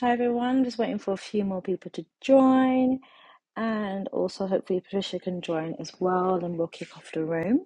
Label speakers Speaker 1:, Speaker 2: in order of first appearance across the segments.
Speaker 1: Hi everyone, just waiting for a few more people to join, and also hopefully Patricia can join as well, and we'll kick off the room.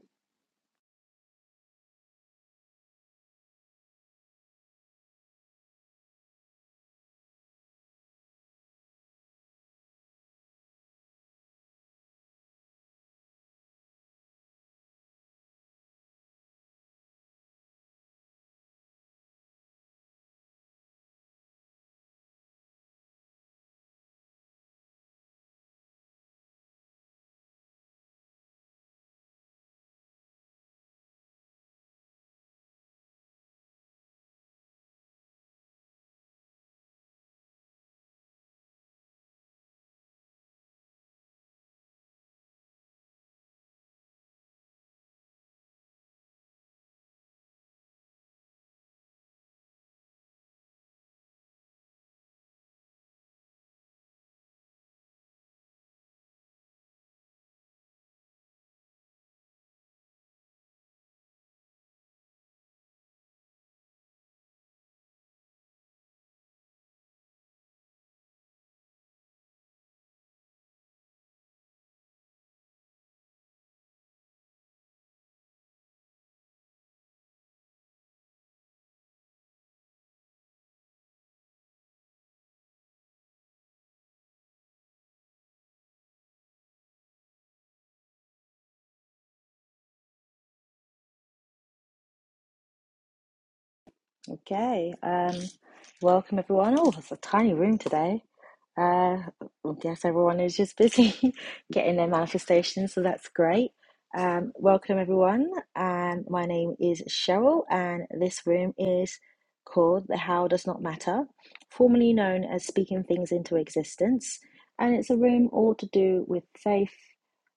Speaker 1: Okay, um, welcome everyone. Oh, it's a tiny room today. Uh, I guess everyone is just busy getting their manifestations, so that's great. Um, welcome everyone. Um, my name is Cheryl, and this room is called The How Does Not Matter, formerly known as Speaking Things into Existence. And it's a room all to do with faith,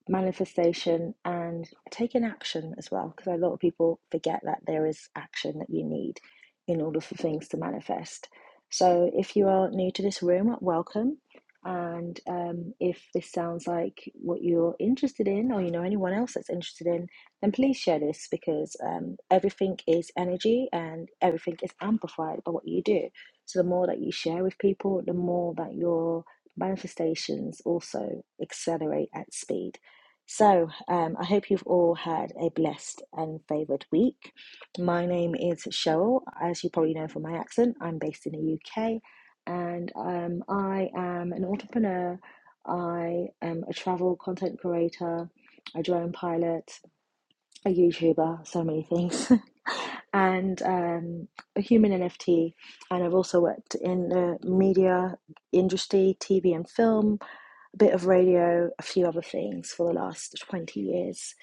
Speaker 1: manifestation and taking action as well because a lot of people forget that there is action that you need in order for things to manifest so if you are new to this room welcome and um, if this sounds like what you're interested in or you know anyone else that's interested in then please share this because um, everything is energy and everything is amplified by what you do so the more that you share with people the more that your manifestations also accelerate at speed so, um, I hope you've all had a blessed and favoured week. My name is Cheryl. As you probably know from my accent, I'm based in the UK and um, I am an entrepreneur. I am a travel content creator, a drone pilot, a YouTuber, so many things, and um, a human NFT. And I've also worked in the media industry, TV and film a bit of radio, a few other things for the last 20 years.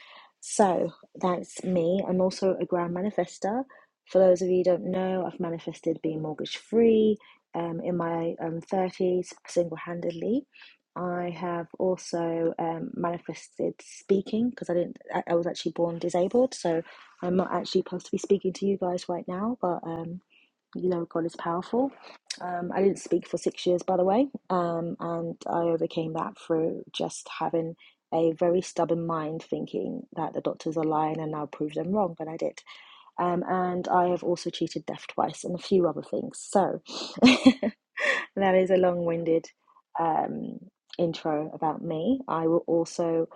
Speaker 1: So that's me. I'm also a grand manifester. For those of you who don't know, I've manifested being mortgage free um, in my um, 30s single handedly. I have also um, manifested speaking because I didn't. I I was actually born disabled, so I'm not actually supposed to be speaking to you guys right now. But um, you know, God is powerful. Um, I didn't speak for six years, by the way, um, and I overcame that through just having a very stubborn mind, thinking that the doctors are lying and I'll prove them wrong, and I did. Um, and I have also cheated death twice and a few other things. So that is a long-winded um, intro about me. I will also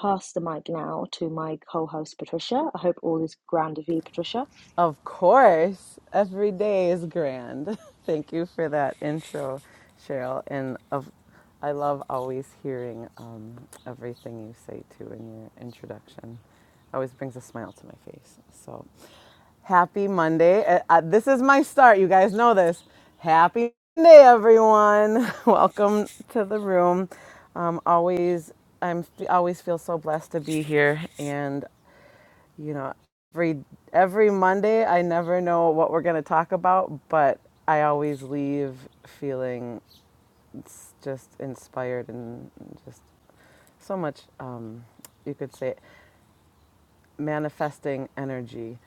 Speaker 1: pass the mic now to my co-host Patricia. I hope all is grand with you, Patricia.
Speaker 2: Of course, every day is grand. Thank you for that intro, Cheryl. And of, I love always hearing um, everything you say too in your introduction. Always brings a smile to my face. So happy Monday. Uh, uh, this is my start. You guys know this. Happy Monday, everyone. Welcome to the room. Um, always, I'm always feel so blessed to be here, and you know every every monday i never know what we're going to talk about but i always leave feeling just inspired and just so much um, you could say manifesting energy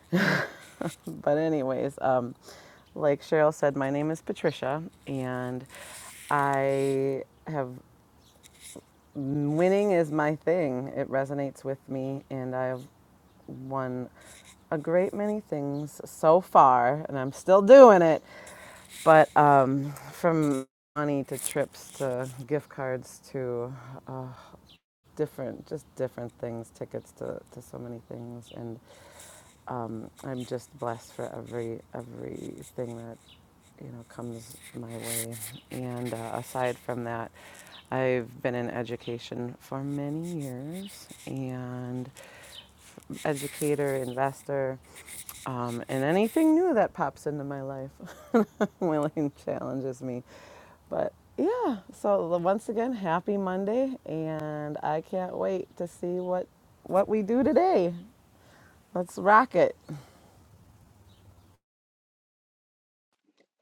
Speaker 2: but anyways um, like cheryl said my name is patricia and i have winning is my thing it resonates with me and i've won a great many things so far, and I'm still doing it. But um, from money to trips to gift cards to uh, different, just different things, tickets to, to so many things, and um, I'm just blessed for every everything that you know comes my way. And uh, aside from that, I've been in education for many years, and educator, investor, um, and anything new that pops into my life willing challenges me. But yeah, so once again, happy Monday, and I can't wait to see what what we do today. Let's rock it.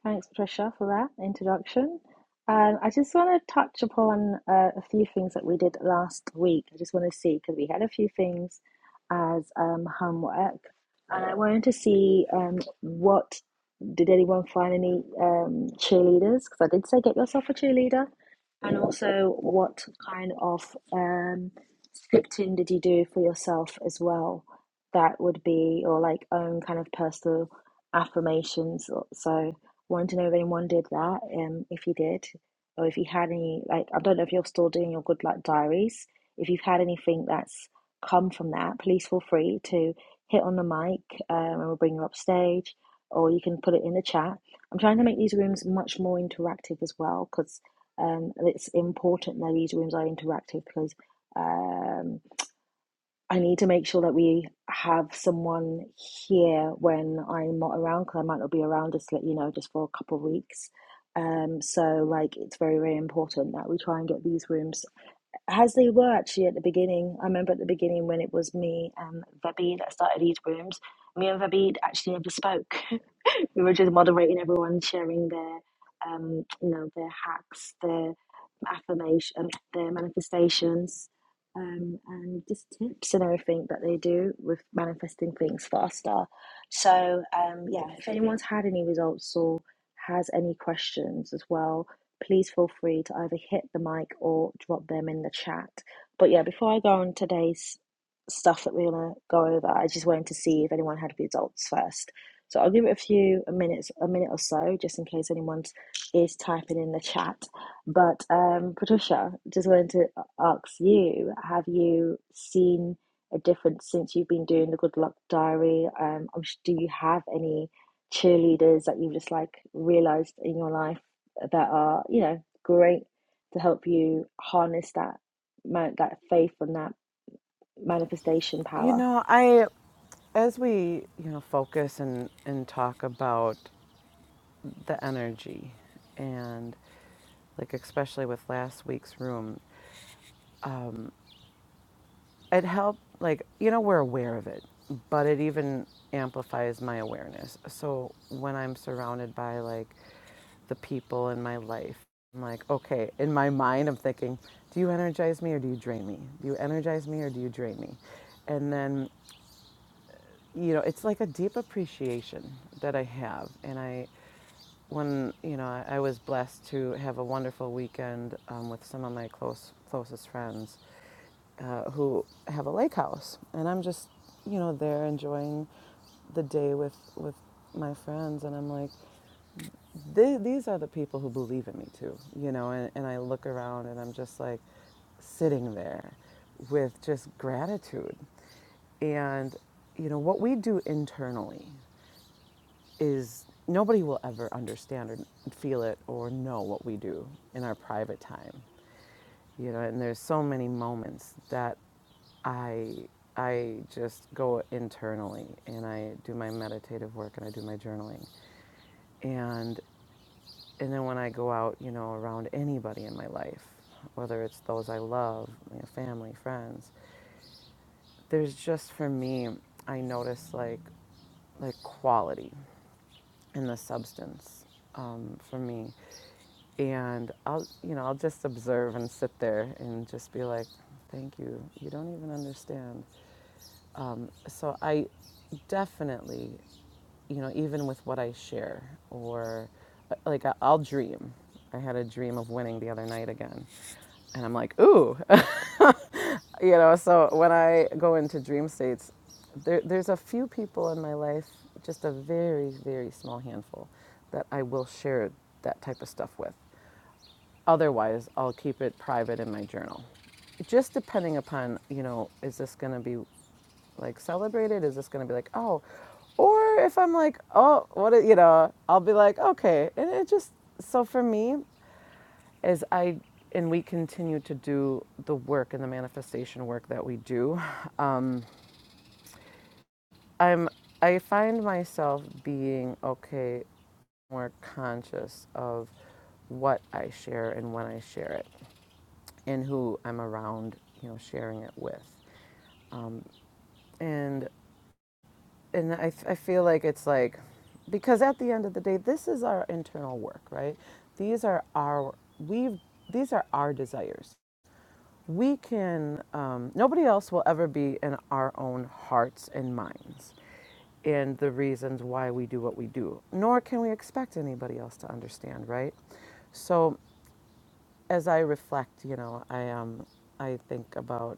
Speaker 1: Thanks, Patricia, for that introduction. Um, I just want to touch upon uh, a few things that we did last week. I just want to see because we had a few things as um, homework, and I wanted to see um, what did anyone find any um, cheerleaders? Because I did say get yourself a cheerleader, and also what kind of um, scripting did you do for yourself as well? That would be or like own kind of personal affirmations. So wanted to know if anyone did that, um, if you did, or if you had any, like, I don't know if you're still doing your good luck diaries. If you've had anything that's come from that, please feel free to hit on the mic um, and we'll bring you up stage, or you can put it in the chat. I'm trying to make these rooms much more interactive as well because um, it's important that these rooms are interactive because. Um, I need to make sure that we have someone here when I'm not around because I might not be around just let you know just for a couple of weeks. Um, so like it's very very important that we try and get these rooms as they were actually at the beginning. I remember at the beginning when it was me and Vebby that started these rooms. Me and Vebby actually never spoke. we were just moderating everyone, sharing their um, you know their hacks, their affirmation, their manifestations, um, and just tips and everything that they do with manifesting things faster. So, um, yeah, if anyone's had any results or has any questions as well, please feel free to either hit the mic or drop them in the chat. But yeah, before I go on today's stuff that we're gonna go over, I just wanted to see if anyone had results first. So I'll give it a few a minutes, a minute or so, just in case anyone is typing in the chat. But um, Patricia, just wanted to ask you, have you seen a difference since you've been doing the Good Luck Diary? Um, I'm s- do you have any cheerleaders that you've just like realized in your life that are, you know, great to help you harness that man that faith and that manifestation
Speaker 2: You
Speaker 1: power?
Speaker 2: know, I as we you know focus and and talk about the energy and like especially with last week's room it helped like you know we're aware of it but it even amplifies my awareness so when i'm surrounded by like the people in my life i'm like okay in my mind i'm thinking do you energize me or do you drain me do you energize me or do you drain me and then you know, it's like a deep appreciation that I have. And I, when, you know, I, I was blessed to have a wonderful weekend um, with some of my close, closest friends uh, who have a lake house. And I'm just, you know, there enjoying the day with, with my friends. And I'm like, th- these are the people who believe in me too, you know, and, and I look around and I'm just like sitting there with just gratitude. And, you know, what we do internally is nobody will ever understand or feel it or know what we do in our private time, you know, and there's so many moments that I I just go internally and I do my meditative work and I do my journaling. And and then when I go out, you know, around anybody in my life, whether it's those I love, my family, friends, there's just for me, I notice like like quality in the substance um, for me. And I'll, you know, I'll just observe and sit there and just be like, thank you. You don't even understand. Um, so I definitely, you know, even with what I share, or uh, like I- I'll dream. I had a dream of winning the other night again. And I'm like, ooh, you know, so when I go into dream states, there, there's a few people in my life, just a very, very small handful, that I will share that type of stuff with. Otherwise, I'll keep it private in my journal just depending upon you know is this going to be like celebrate it? Is this going to be like, oh, or if I'm like, oh, what, you know, I'll be like, okay. And it just, so for me, is I, and we continue to do the work and the manifestation work that we do. Um, I'm, I find myself being okay, more conscious of what I share and when I share it and who I'm around, you know, sharing it with. And and I I feel like it's like because at the end of the day this is our internal work right these are our we've these are our desires we can um, nobody else will ever be in our own hearts and minds and the reasons why we do what we do nor can we expect anybody else to understand right so as I reflect, you know, I um, I think about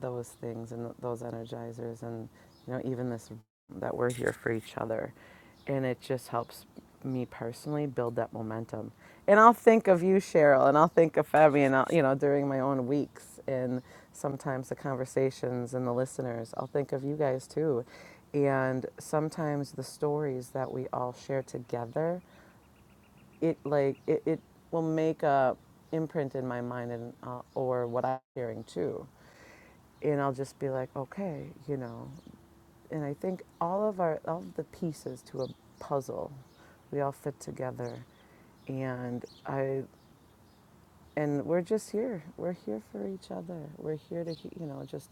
Speaker 2: those things and those energizers, and you know, even this that we're here for each other, and it just helps me personally build that momentum. And I'll think of you, Cheryl, and I'll think of Fabian. I'll, you know, during my own weeks, and sometimes the conversations and the listeners, I'll think of you guys too, and sometimes the stories that we all share together it like it, it will make a imprint in my mind and uh, or what I'm hearing too, and I'll just be like, okay, you know, and I think all of our all of the pieces to a puzzle, we all fit together, and I and we're just here. We're here for each other. We're here to you know just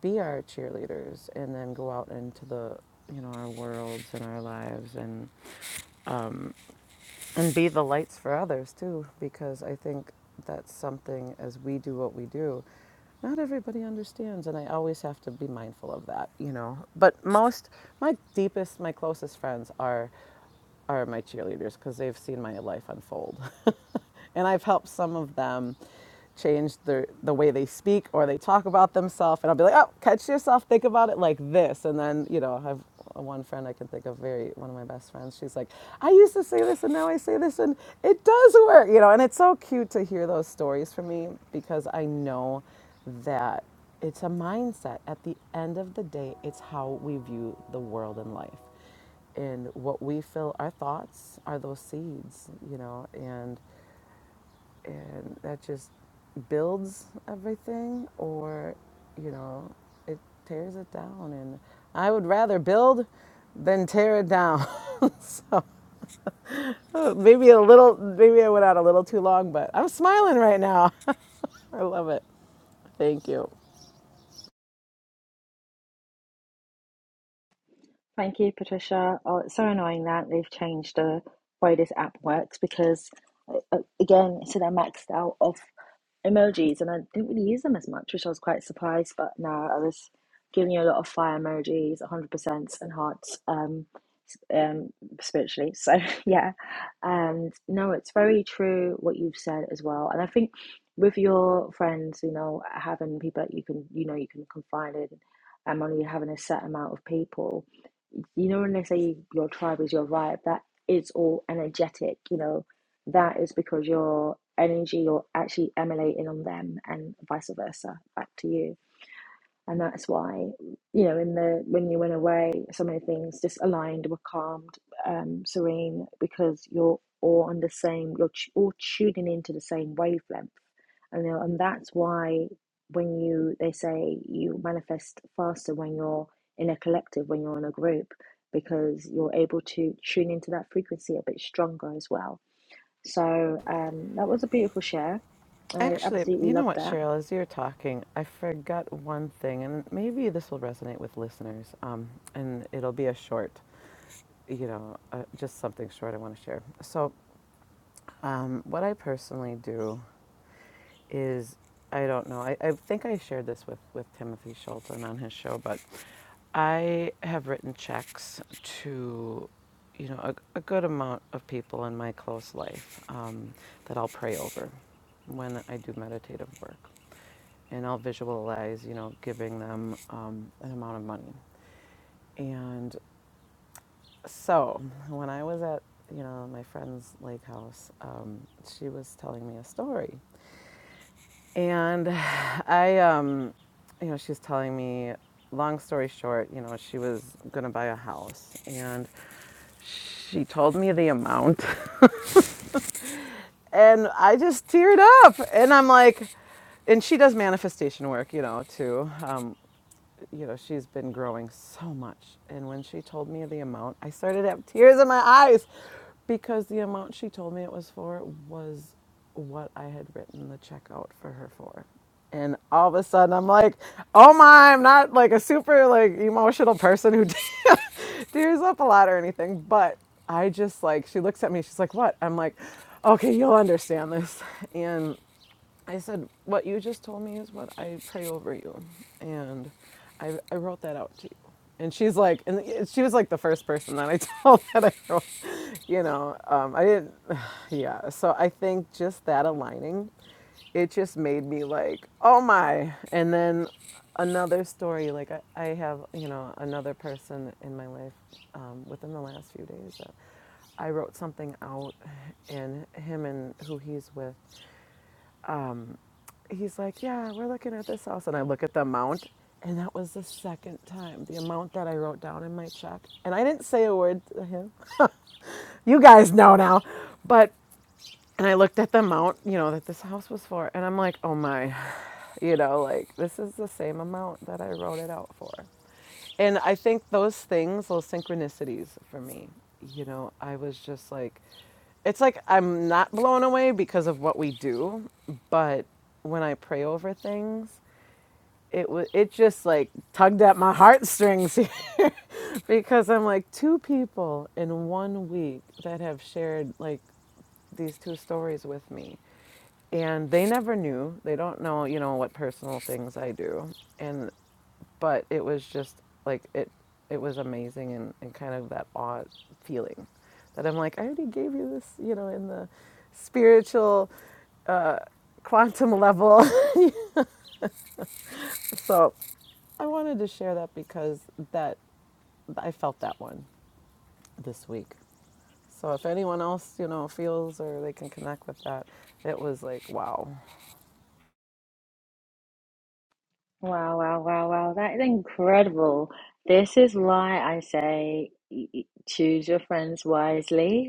Speaker 2: be our cheerleaders and then go out into the you know our worlds and our lives and um, and be the lights for others too because i think that's something as we do what we do not everybody understands and i always have to be mindful of that you know but most my deepest my closest friends are are my cheerleaders because they've seen my life unfold and i've helped some of them change the the way they speak or they talk about themselves and I'll be like, "Oh, catch yourself, think about it like this." And then, you know, I have one friend I can think of very one of my best friends. She's like, "I used to say this and now I say this and it does work." You know, and it's so cute to hear those stories from me because I know that it's a mindset. At the end of the day, it's how we view the world and life and what we feel our thoughts are those seeds you know and and that just builds everything or you know it tears it down and i would rather build than tear it down so maybe a little maybe i went out a little too long but i'm smiling right now i love it thank you
Speaker 1: Thank you, Patricia. Oh, it's so annoying that they've changed the way this app works because, uh, uh, again, so they're maxed out of. emojis, and I didn't really use them as much, which I was quite surprised. But no, I was giving you a lot of fire emojis, 100% and hearts um, s- um, spiritually. So yeah, and no, it's very true what you've said as well. And I think with your friends, you know, having people that you can, you know, you can confide in, and only having a set amount of people, you know, when they say your tribe is your vibe, that is all energetic, you know that is because your energy you're actually emanating on them and vice versa back to you and that's why you know in the when you went away so many things just aligned were calmed um serene because you're all on the same you're t- all tuning into the same wavelength and you know, and that's why when you they say you manifest faster when you're in a collective when you're in a group because you're able to tune into that frequency a bit stronger as well so um, that was a beautiful share. I
Speaker 2: actually
Speaker 1: absolutely
Speaker 2: you know
Speaker 1: loved
Speaker 2: what
Speaker 1: that.
Speaker 2: cheryl as you're talking i forgot one thing and maybe this will resonate with listeners um, and it'll be a short you know uh, just something short i want to share so Um, what I personally do is, I don't know, I, I think I shared this with, with Timothy Shulton on his show, but I have written checks to, you know, a, a good amount of people in my close life um, that I'll pray over when I do meditative work. And I'll visualize, you know, giving them um, an amount of money. And so when I was at, you know, my friend's lake house, um, she was telling me a story And I, um, you know, she's telling me, long story short, you know, she was going to buy a house. And she told me the amount. And I just teared up. And I'm like, and she does manifestation work, you know, too. Um, you know, she's been growing so much. And when she told me the amount, I started to have tears in my eyes because the amount she told me it was for was what I had written the check out for her for. And all of a sudden, I'm like, oh my, I'm not like a super like emotional person who tears up a lot or anything. But I just like, she looks at me, she's like, what? I'm like, okay, you'll understand this. And I said, What you just told me is what I pray over you. And I, I wrote that out to you. And she's like, and she was like the first person that I told that I wrote, you know, um, I didn't, yeah. So I think just that aligning, it just made me like, oh my. And then another story, like I, I have, you know, another person in my life um, within the last few days that I wrote something out, and him and who he's with he's like, Yeah, we're looking at this house. And I look at the amount, and that was the second time the amount that I wrote down in my check. And I didn't say a word to him. You guys know now. But and I looked at the amount, you know, that this house was for, and I'm like, oh my, you know, like this is the same amount that I wrote it out for. And I think those things, those synchronicities for me, you know, I was just like, it's like I'm not blown away because of what we do, but when I pray over things, it was it just like tugged at my heartstrings here because I'm like two people in one week that have shared like these two stories with me. And they never knew. They don't know, you know, what personal things I do. And but it was just like it it was amazing and, and kind of that odd feeling that I'm like, I already gave you this, you know, in the spiritual quantum level. so I wanted to share that because that I felt that one this week. So if anyone else, you know, feels or they can connect with that, it was like, wow.
Speaker 1: Wow, wow, wow, wow. That is incredible. This is why I say y- y- choose your friends wisely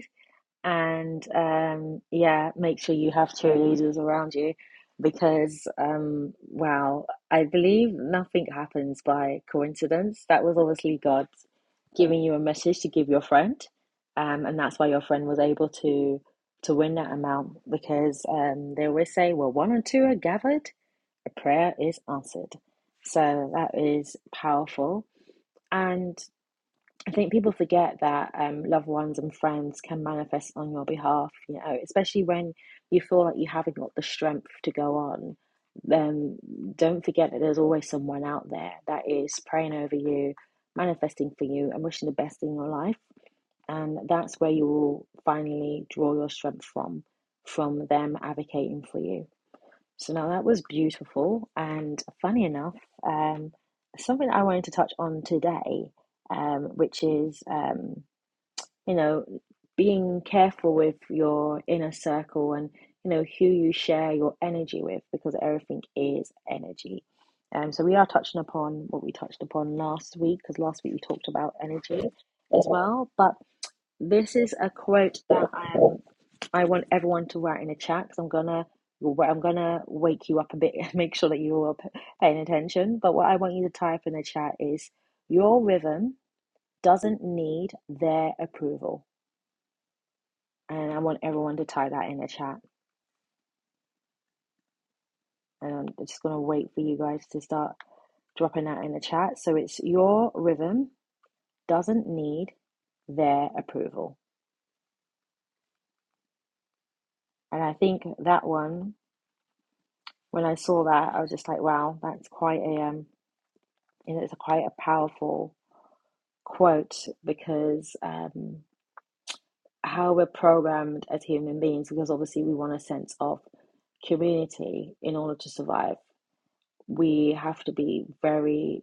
Speaker 1: and um, yeah, make sure you have cheerleaders around you because um, wow, I believe nothing happens by coincidence. That was obviously God giving you a message to give your friend, um, and that's why your friend was able to to win that amount because um, they always say, "Well, one or two are gathered, a prayer is answered." So that is powerful. and. I think people forget that um, loved ones and friends can manifest on your behalf, you know, especially when you feel like you haven't got the strength to go on. Then um, don't forget that there's always someone out there that is praying over you, manifesting for you, and wishing the best in your life. And that's where you will finally draw your strength from, from them advocating for you. So now that was beautiful. And funny enough, um, something I wanted to touch on today, um, which is, um, you know, being careful with your inner circle and, you know, who you share your energy with because everything is energy. Um, so we are touching upon what we touched upon last week because last week we talked about energy as well. But this is a quote that I am I want everyone to write in the chat because I'm gonna I'm gonna wake you up a bit and make sure that you are paying attention. But what I want you to type in the chat is your rhythm doesn't need their approval, and I want everyone to type that in the chat. And I'm just gonna wait for you guys to start dropping that in the chat. So it's your rhythm doesn't need their approval, and I think that one when I saw that I was just like, wow, that's quite a um, you know, it's a quite a powerful quote because um, how we're programmed as human beings, because obviously we want a sense of community in order to survive, we have to be very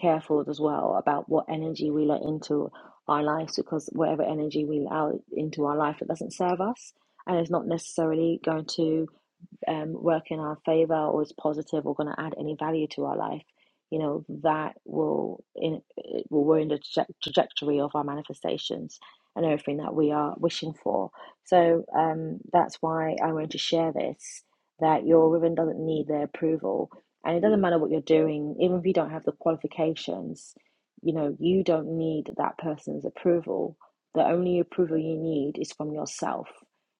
Speaker 1: careful as well about what energy we let into our lives because whatever energy we allow into our life, it doesn't serve us and it's not necessarily going to um, work in our favor or is positive or going to add any value to our life, you know, that will in it will we're in the traje- trajectory of our manifestations and everything that we are wishing for. So um, that's why I wanted to share this that your ribbon doesn't need their approval, and it doesn't matter what you're doing, even if you don't have the qualifications. You know, you don't need that person's approval. The only approval you need is from yourself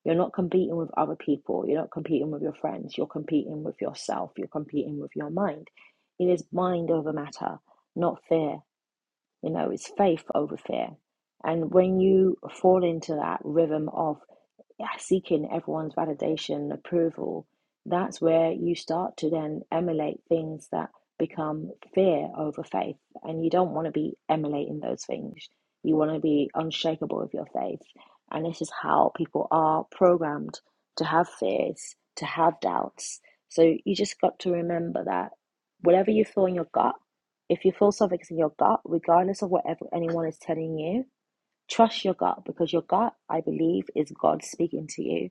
Speaker 1: you're not competing with other people. You're not competing with your friends. You're competing with yourself. You're competing with your mind. It is mind over matter, not fear. You know, it's faith over fear. And when you fall into that rhythm of yeah, seeking everyone's validation, approval, that's where you start to then emulate things that become fear over faith. And you don't want to be emulating those things. You want to be unshakable with your faith. And this is how people are programmed to have fears, to have doubts. So you just got to remember that whatever you feel in your gut, if you feel something's in your gut, regardless of whatever anyone is telling you, Trust your gut because your gut, I believe, is God speaking to you.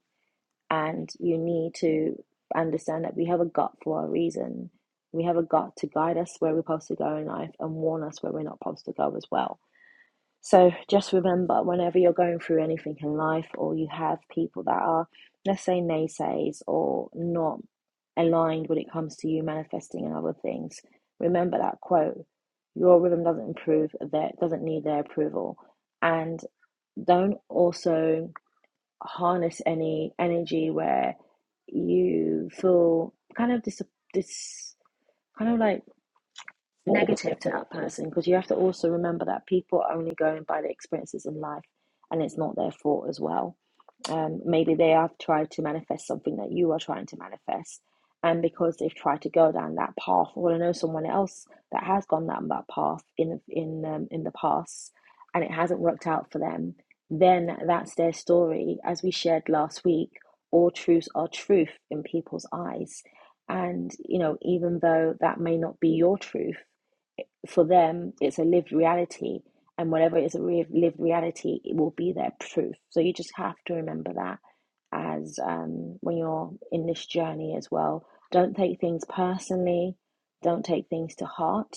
Speaker 1: And you need to understand that we have a gut for a reason. We have a gut to guide us where we're supposed to go in life and warn us where we're not supposed to go as well so just remember, whenever you're going through anything in life, or you have people that are, let's say, naysayers or not aligned when it comes to you manifesting and other things, remember that quote: "Your rhythm doesn't improve; that doesn't need their approval." And don't also harness any energy where you feel kind of dis, dis kind of like negative to that person because you have to also remember that people are only going by their experiences in life and it's not their fault as well. Um, maybe they have tried to manifest something that you are trying to manifest. And because they've tried to go down that path, or I know someone else that has gone down that path in in um, in the past, and it hasn't worked out for them, then that's their story. As we shared last week, all truths are truth in people's eyes, and you know even though that may not be your truth, for them, it's a lived reality. And whatever is a re- lived reality, it will be their truth. So you just have to remember that as um, when you're in this journey as well. Don't take things personally, don't take things to heart.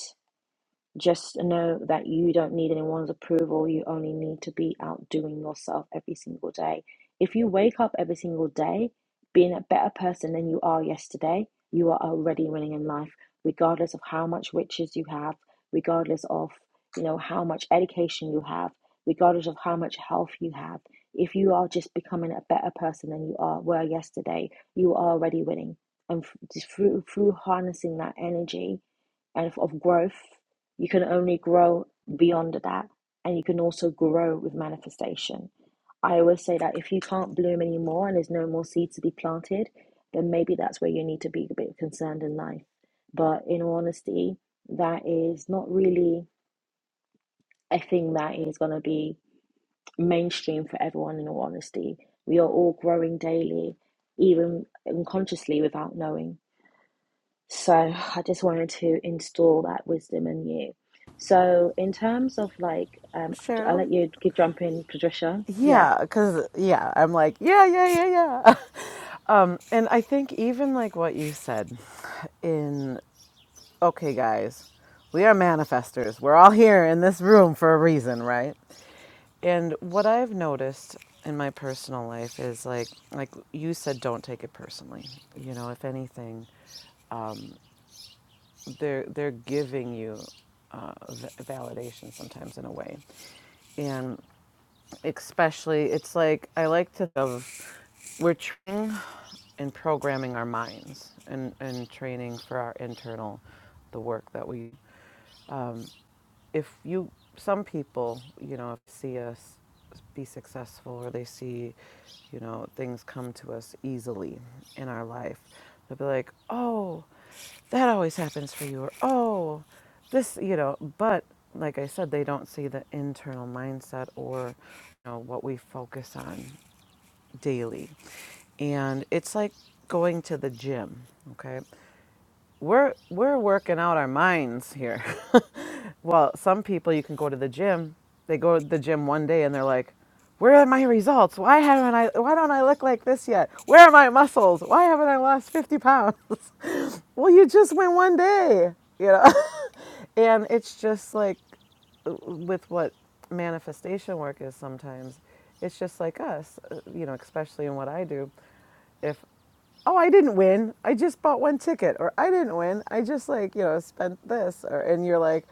Speaker 1: Just know that you don't need anyone's approval. You only need to be outdoing yourself every single day. If you wake up every single day being a better person than you are yesterday, you are already winning in life, regardless of how much riches you have, regardless of you know how much education you have, regardless of how much health you have. If you are just becoming a better person than you are were yesterday, you are already winning. And through through harnessing that energy and of growth. You can only grow beyond that, and you can also grow with manifestation. I always say that if you can't bloom anymore and there's no more seeds to be planted, then maybe that's where you need to be a bit concerned in life. But in all honesty, that is not really a thing that is going to be mainstream for everyone, in all honesty. We are all growing daily, even unconsciously without knowing. So I just wanted to install that wisdom in you. So in terms of like, um, I'll
Speaker 2: Cheryl,
Speaker 1: let you keep jumping, Patricia. Yeah.
Speaker 2: Yeah, because, yeah, I'm like, yeah, yeah, yeah, yeah. um, and I think even like what you said in, okay, guys, we are manifestors. We're all here in this room for a reason, right? And what I've noticed in my personal life is like, like you said, don't take it personally. You know, if anything, they're, they're giving you uh, v- validation sometimes in a way. And especially, it's like, I like to think of, we're trying in programming our minds and, and training for our internal the work that we if you some people you know if see us be successful or they see you know things come to us easily in our life they'll be like oh that always happens for you or oh this you know but like i said they don't see the internal mindset or you know what we focus on daily. And it's like going to the gym, okay? We're we're working out our minds here. well, some people you can go to the gym, they go to the gym one day and they're like, "Where are my results? Why haven't I why don't I look like this yet? Where are my muscles? Why haven't I lost 50 pounds?" well, you just went one day, you know. And it's just like with what manifestation work is sometimes, it's just like us, uh, you know, especially in what I do. If, oh, I didn't win, I just bought one ticket, or I didn't win, I just like, you know, spent this, or, and you're like,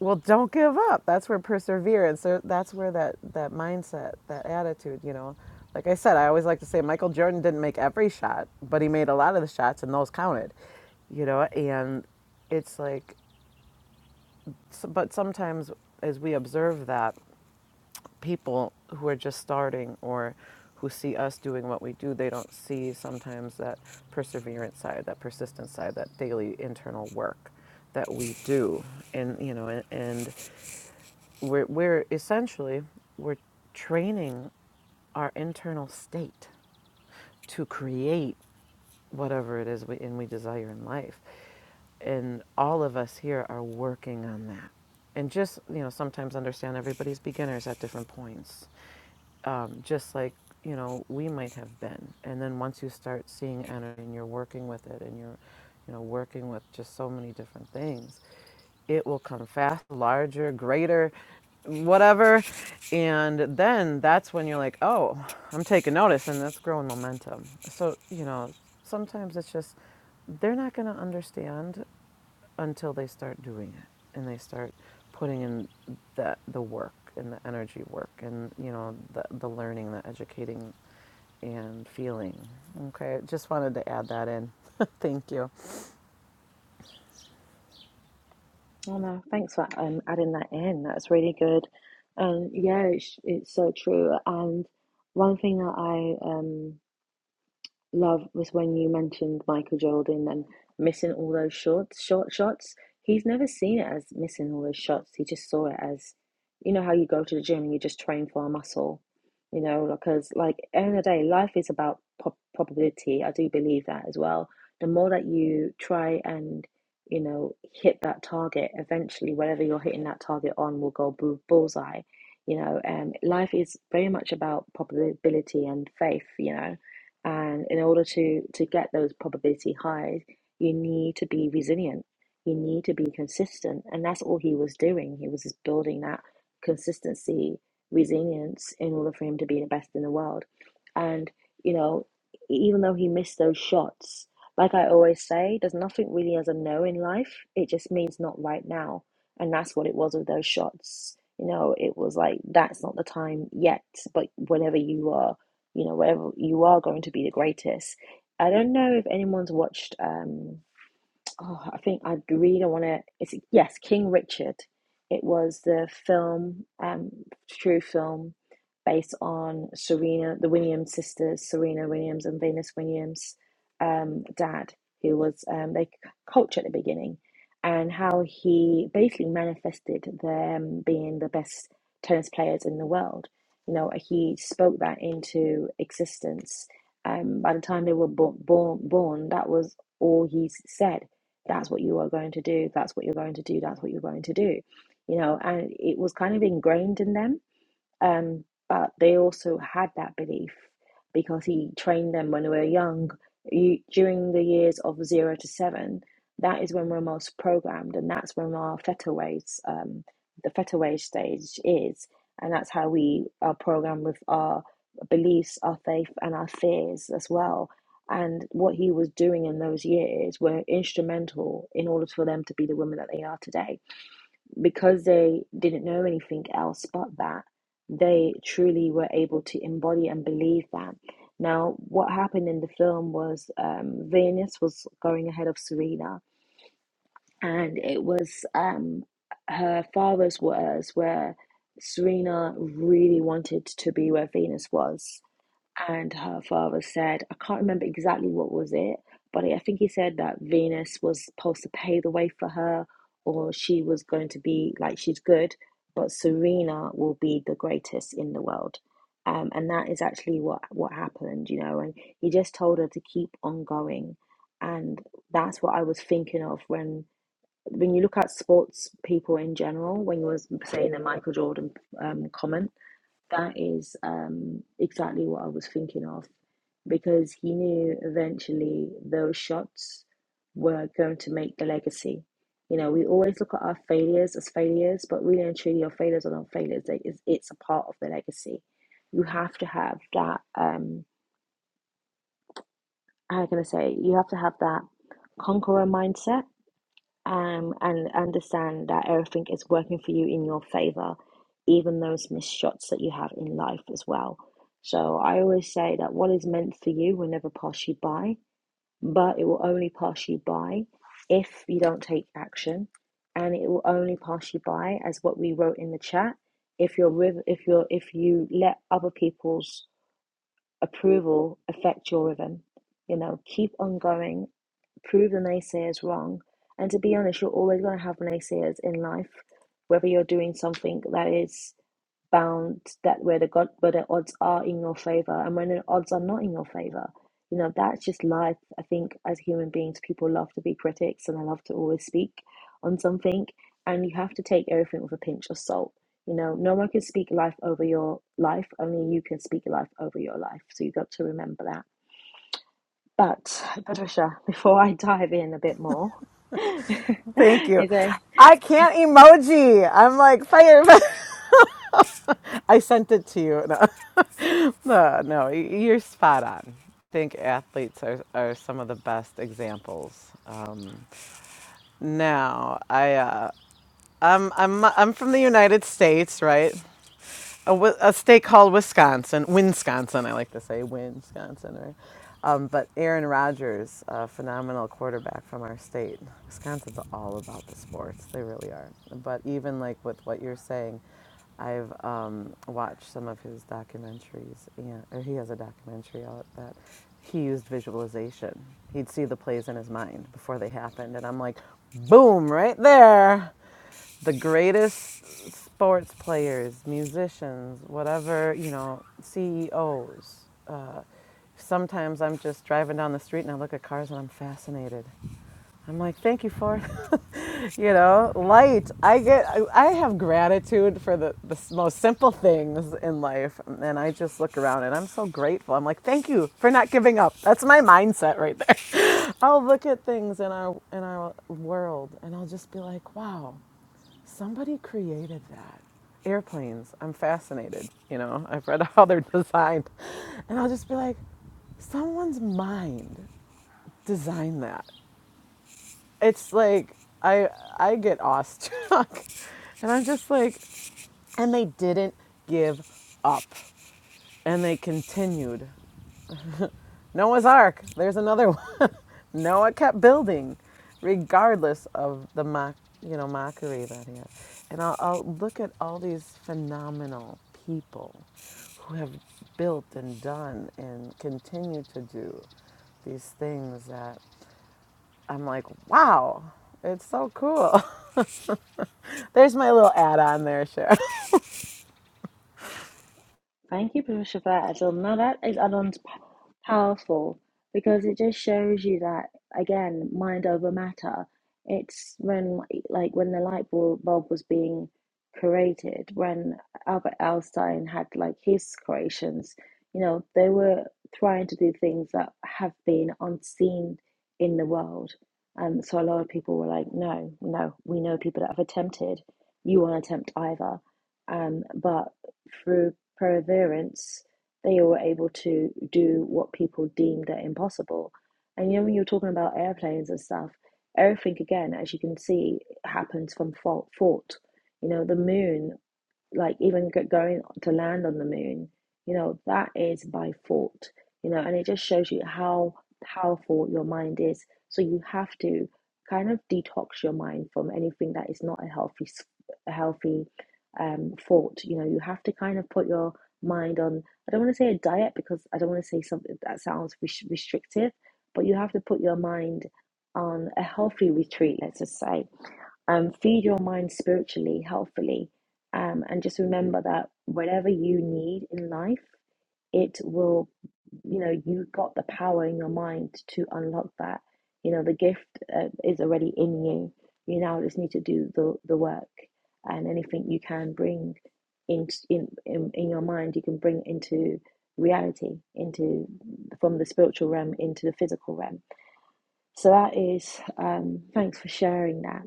Speaker 2: well, don't give up. That's where perseverance, so that's where that, that mindset, that attitude, you know. Like I said, I always like to say Michael Jordan didn't make every shot, but he made a lot of the shots, and those counted, you know, and it's like S but sometimes, as we observe that, people who are just starting or who see us doing what we do, they don't see sometimes that perseverance side, that persistence side, that daily internal work that we do. And, you know, and, and we're, we're essentially, we're training our internal state to create whatever it is we, and we desire in life. And all of us here are working on that. And just, you know, sometimes understand everybody's beginners at different points um, just like you know we might have been and then once you start seeing energy and you're working with it and you're you know working with just so many different things it will come fast larger greater whatever and then that's when you're like oh i'm taking notice and that's growing momentum so you know sometimes it's just they're not going to understand until they start doing it and they start putting in that the work and the energy work and you know the the learning, the educating, and feeling. Okay, just wanted to add that in. Thank you.
Speaker 1: Oh no, thanks for um, adding that in. That's really good. Um, yeah, it's, it's so true. And one thing that I um love was when you mentioned Michael Jordan and missing all those short short shots. He's never seen it as missing all those shots. He just saw it as, you know, how you go to the gym and you just train for a muscle, you know, because like at the end of the day, life is about probability. I do believe that as well. The more that you try and, you know, hit that target, eventually, whatever you're hitting that target on will go bullseye. You know, And um, life is very much about probability and faith, you know and in order to, to get those probability highs, you need to be resilient. You need to be consistent. And that's all he was doing. He was just building that consistency, resilience in order for him to be the best in the world. And, you know, even though he missed those shots, like I always say, there's nothing really as a no in life. It just means not right now. And that's what it was with those shots. You know, it was like, that's not the time yet, but whenever you are you know, whatever you are going to be the greatest. I don't know if anyone's watched um oh, I think I really don't want to. It's yes, King Richard. It was the film, um, true film, based on Serena, the Williams sisters, Serena Williams and Venus Williams' um, dad, who was um, they coach at the beginning, and how he basically manifested them being the best tennis players in the world. You know, he spoke that into existence. Um, by the time they were bo- born, born, that was all he said that's what you are going to do that's what you're going to do that's what you're going to do you know and it was kind of ingrained in them um, but they also had that belief because he trained them when they were young. You, during the years of zero to seven, that is when we're most programmed, and that's when our theta waves, um, the theta wave stage is, and that's how we are programmed with our beliefs, our faith, and our fears as well. And what he was doing in those years were instrumental in order for them to be the women that they are today because they didn't know anything else but that, they truly were able to embody and believe that. Now, what happened in the film was um, Venus was going ahead of Serena, and it was um, her father's words where Serena really wanted to be where Venus was and her father said, I can't remember exactly what was it, but I think he said that Venus was supposed to pave the way for her, or she was going to be like she's good, but Serena will be the greatest in the world. Um, and that is actually what what happened, you know. And he just told her to keep on going, and that's what I was thinking of when when you look at sports people in general. When you was saying the Michael Jordan um, comment, that is um, exactly what I was thinking of because he knew eventually those shots were going to make the legacy. You know, we always look at our failures as failures, but really and truly, your failures are not failures. They- It's, it's a part of the legacy. You have to have that. Um, how can I say? You have to have that conqueror mindset um, and understand that everything is working for you in your favor, even those missed shots that you have in life as well. So I always say that what is meant for you will never pass you by but it will only pass you by if you don't take action and it will only pass you by as what we wrote in the chat if you're with if you're if you let other people's approval affect your rhythm you know keep on going prove the naysayers wrong and to be honest you're always going to have naysayers in life whether you're doing something that is Bound that where the god where the odds are in your favor and when the odds are not in your favor you know that's just life i think as human beings people love to be critics and i love to always speak on something and you have to take everything with a pinch of salt you know no one can speak life over your life only you can speak life over your life so you've got to remember that but patricia before i dive in a bit more
Speaker 2: Thank you.
Speaker 1: is there
Speaker 2: I can't emoji. I'm like fire. I sent it to you. No, no, no, you're spot on. I think athletes are, are some of the best examples. Um, now, I uh, I'm I'm I'm from the United States, right? a, a state called Wisconsin, Wisconsin, I like to say, Wisconsin, right? Um, but Aaron Rodgers, a phenomenal quarterback from our state. Wisconsin's all about the sports, they really are. But even like with what you're saying, I've um, watched some of his documentaries, and, or he has a documentary out that he used visualization. He'd see the plays in his mind before they happened, and I'm like, boom, right there the greatest sports players, musicians, whatever, you know, CEOs. Uh, sometimes I'm just driving down the street and I look at cars and I'm fascinated. I'm like, thank you for, you know, light. I get, I have gratitude for the, the most simple things in life. And I just look around and I'm so grateful. I'm like, thank you for not giving up. That's my mindset right there. I'll look at things in our, in our world and I'll just be like, wow, Somebody created that. Airplanes. I'm fascinated. You know, I've read how they're designed. And I'll just be like, someone's mind designed that. It's like I I get awestruck. and I'm just like and they didn't give up. And they continued. Noah's Ark. There's another one. Noah kept building, regardless of the mock, you know, mockery that he had. And I'll, I'll look at all these phenomenal people who have built and done and continue to do these things that I'm like, wow, it's so cool. There's my little add-on there, Cheryl.
Speaker 1: Thank you, Patricia, for that. So now that is add-ons p- powerful because it just shows you that again, mind over matter. It's when like like when the light bul- bulb was being created, when Albert Einstein had like his creations, you know, they were trying to do things that have been unseen in the world. Um, so a lot of people were like, no, no, we know people that have attempted. You won't attempt either. Um, but through perseverance, they were able to do what people deemed are impossible. And you know, when you're talking about airplanes and stuff, everything again, as you can see, happens from fault. fault. You know, the moon like even g- going to land on the moon you know that is by thought you know and it just shows you how powerful your mind is so you have to kind of detox your mind from anything that is not a healthy s- a healthy um thought you know you have to kind of put your mind on i don't want to say a diet because i don't want to say something that sounds res- restrictive but you have to put your mind on a healthy retreat let's just say um, feed your mind spiritually, healthfully, um, and just remember that whatever you need in life, it will, you know, you got the power in your mind to unlock that. You know, the gift uh, is already in you. You now just need to do the, the work, and anything you can bring in, in in in your mind, you can bring into reality, into from the spiritual realm into the physical realm. So that is, um, thanks for sharing that.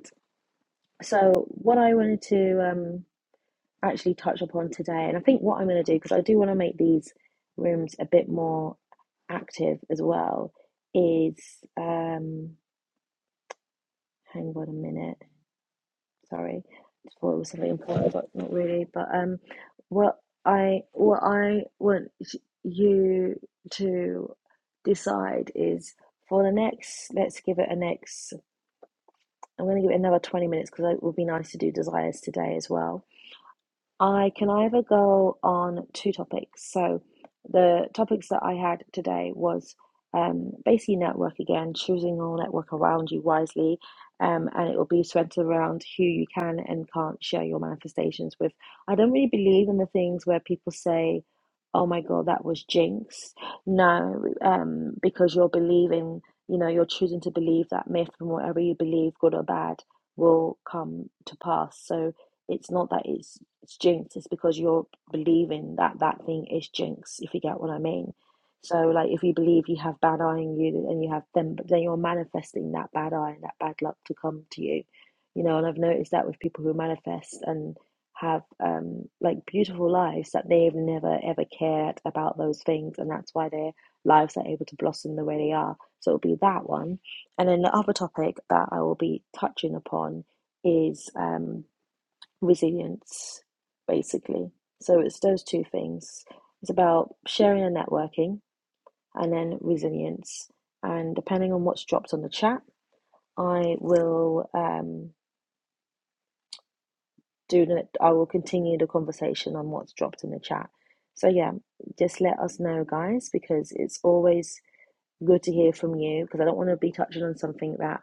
Speaker 1: So, what I wanted to um, actually touch upon today, and I think what I'm going to do, because I do want to make these rooms a bit more active as well, is um, hang on a minute. Sorry, I thought it was something important, but not really. But um, what I what I want you to decide is for the next. Let's give it a next. I'm going to give it another 20 minutes because it would be nice to do desires today as well I can either go on two topics. So the topics that I had today was um, basically network again, choosing your network around you wisely, um, and it will be centered around who you can and can't share your manifestations with. I don't really believe in the things where people say, "Oh my God, that was jinx." No, um, because you're believing, you know, you're choosing to believe that myth, and whatever you believe, good or bad, will come to pass. So it's not that it's it's jinxed it's because you're believing that that thing is jinx if you get what i mean so like if you believe you have bad eye in you and you have them then you're manifesting that bad eye and that bad luck to come to you you know and i've noticed that with people who manifest and have um like beautiful lives that they've never ever cared about those things and that's why their lives are able to blossom the way they are so it'll be that one and then the other topic that i will be touching upon is um resilience, basically. So it's those two things. It's about sharing and networking, and then resilience. And depending on what's dropped on the chat, I will um, do the, I will continue the conversation on what's dropped in the chat. So yeah, just let us know, guys, because it's always Good to hear from you because I don't want to be touching on something that,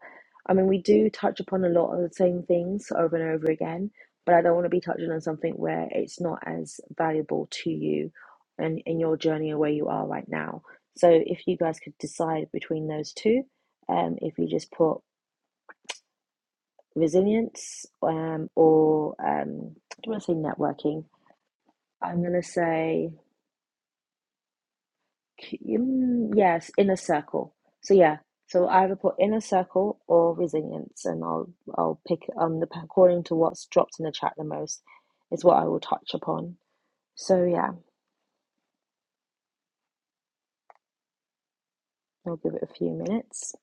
Speaker 1: I mean, we do touch upon a lot of the same things over and over again, but I don't want to be touching on something where it's not as valuable to you and in your journey or where you are right now. So if you guys could decide between those two, um, if you just put resilience um, or um, I don't want to say networking, I'm going to say. Mm, Yes, inner circle. So yeah, so I either put inner circle or resilience, and I'll I'll pick on the according to what's dropped in the chat the most is what I will touch upon. So yeah, I'll give it a few minutes.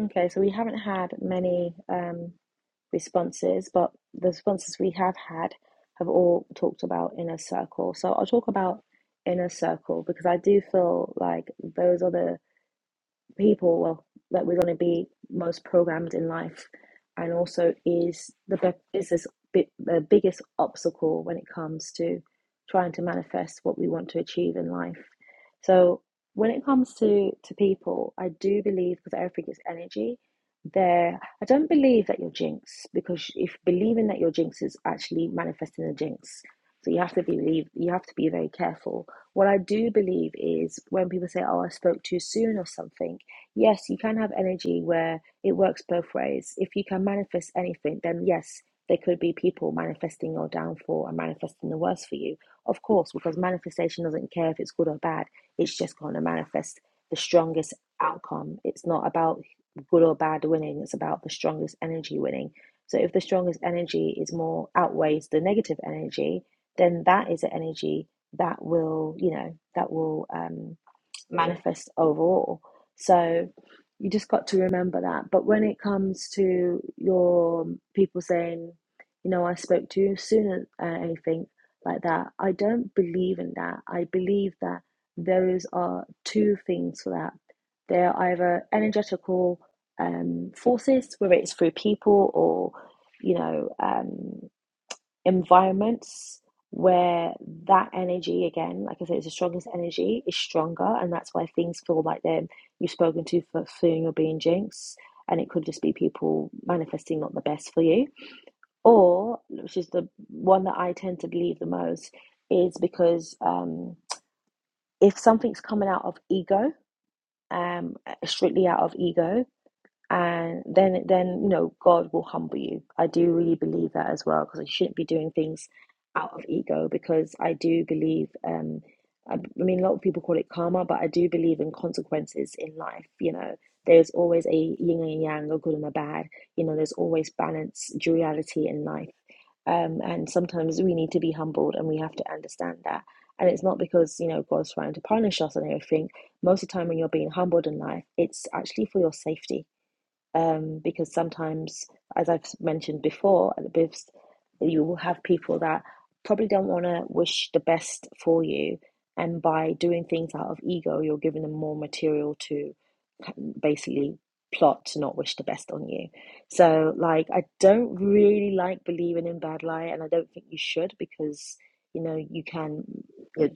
Speaker 1: Okay, so we haven't had many um, responses, but the responses we have had have all talked about inner circle. So I'll talk about inner circle because I do feel like those are the people well that we're going to be most programmed in life and also is the be- is this bi- the biggest obstacle when it comes to trying to manifest what we want to achieve in life so when it comes to to people i do believe because everything is energy there i don't believe that you're jinx because if believing that you're jinx is actually manifesting a jinx so you have to believe you have to be very careful what I do believe is when people say, "Oh, I spoke too soon" or something, yes, you can have energy where it works both ways. If you can manifest anything, then yes, there could be people manifesting your downfall and manifesting the worst for you. Of course, because manifestation doesn't care if it's good or bad, it's just going to manifest the strongest outcome. It's not about good or bad winning, it's about the strongest energy winning. So if the strongest energy is more outweighs the negative energy, then that is an energy that will, you know, that will um, manifests overall. So you just got to remember that. But when it comes to your um, people saying, you know, I spoke to you sooner, uh, anything like that, I don't believe in that. I believe that those are two things for that. They're either energetical um, forces, whether it's through people or, you know, um environments where that energy again like i said it's the strongest energy is stronger and that's why things feel like they're you've spoken to for fearing you're being jinxed and it could just be people manifesting not the best for you or which is the one that i tend to believe the most is because um if something's coming out of ego um strictly out of ego and then then you know God will humble you. I do really believe that as well because you shouldn't be doing things out of ego because I do believe um I, I mean a lot of people call it karma but I do believe in consequences in life you know there's always a yin and yang a good and a bad you know there's always balance duality in life um and sometimes we need to be humbled and we have to understand that and it's not because you know God's trying to punish us and everything most of the time when you're being humbled in life it's actually for your safety um, because sometimes, as I've mentioned before, at the BIVs, you will have people that probably don't want to wish the best for you, and by doing things out of ego, you're giving them more material to basically plot to not wish the best on you. So, like, I don't really like believing in bad lie, and I don't think you should because you know you can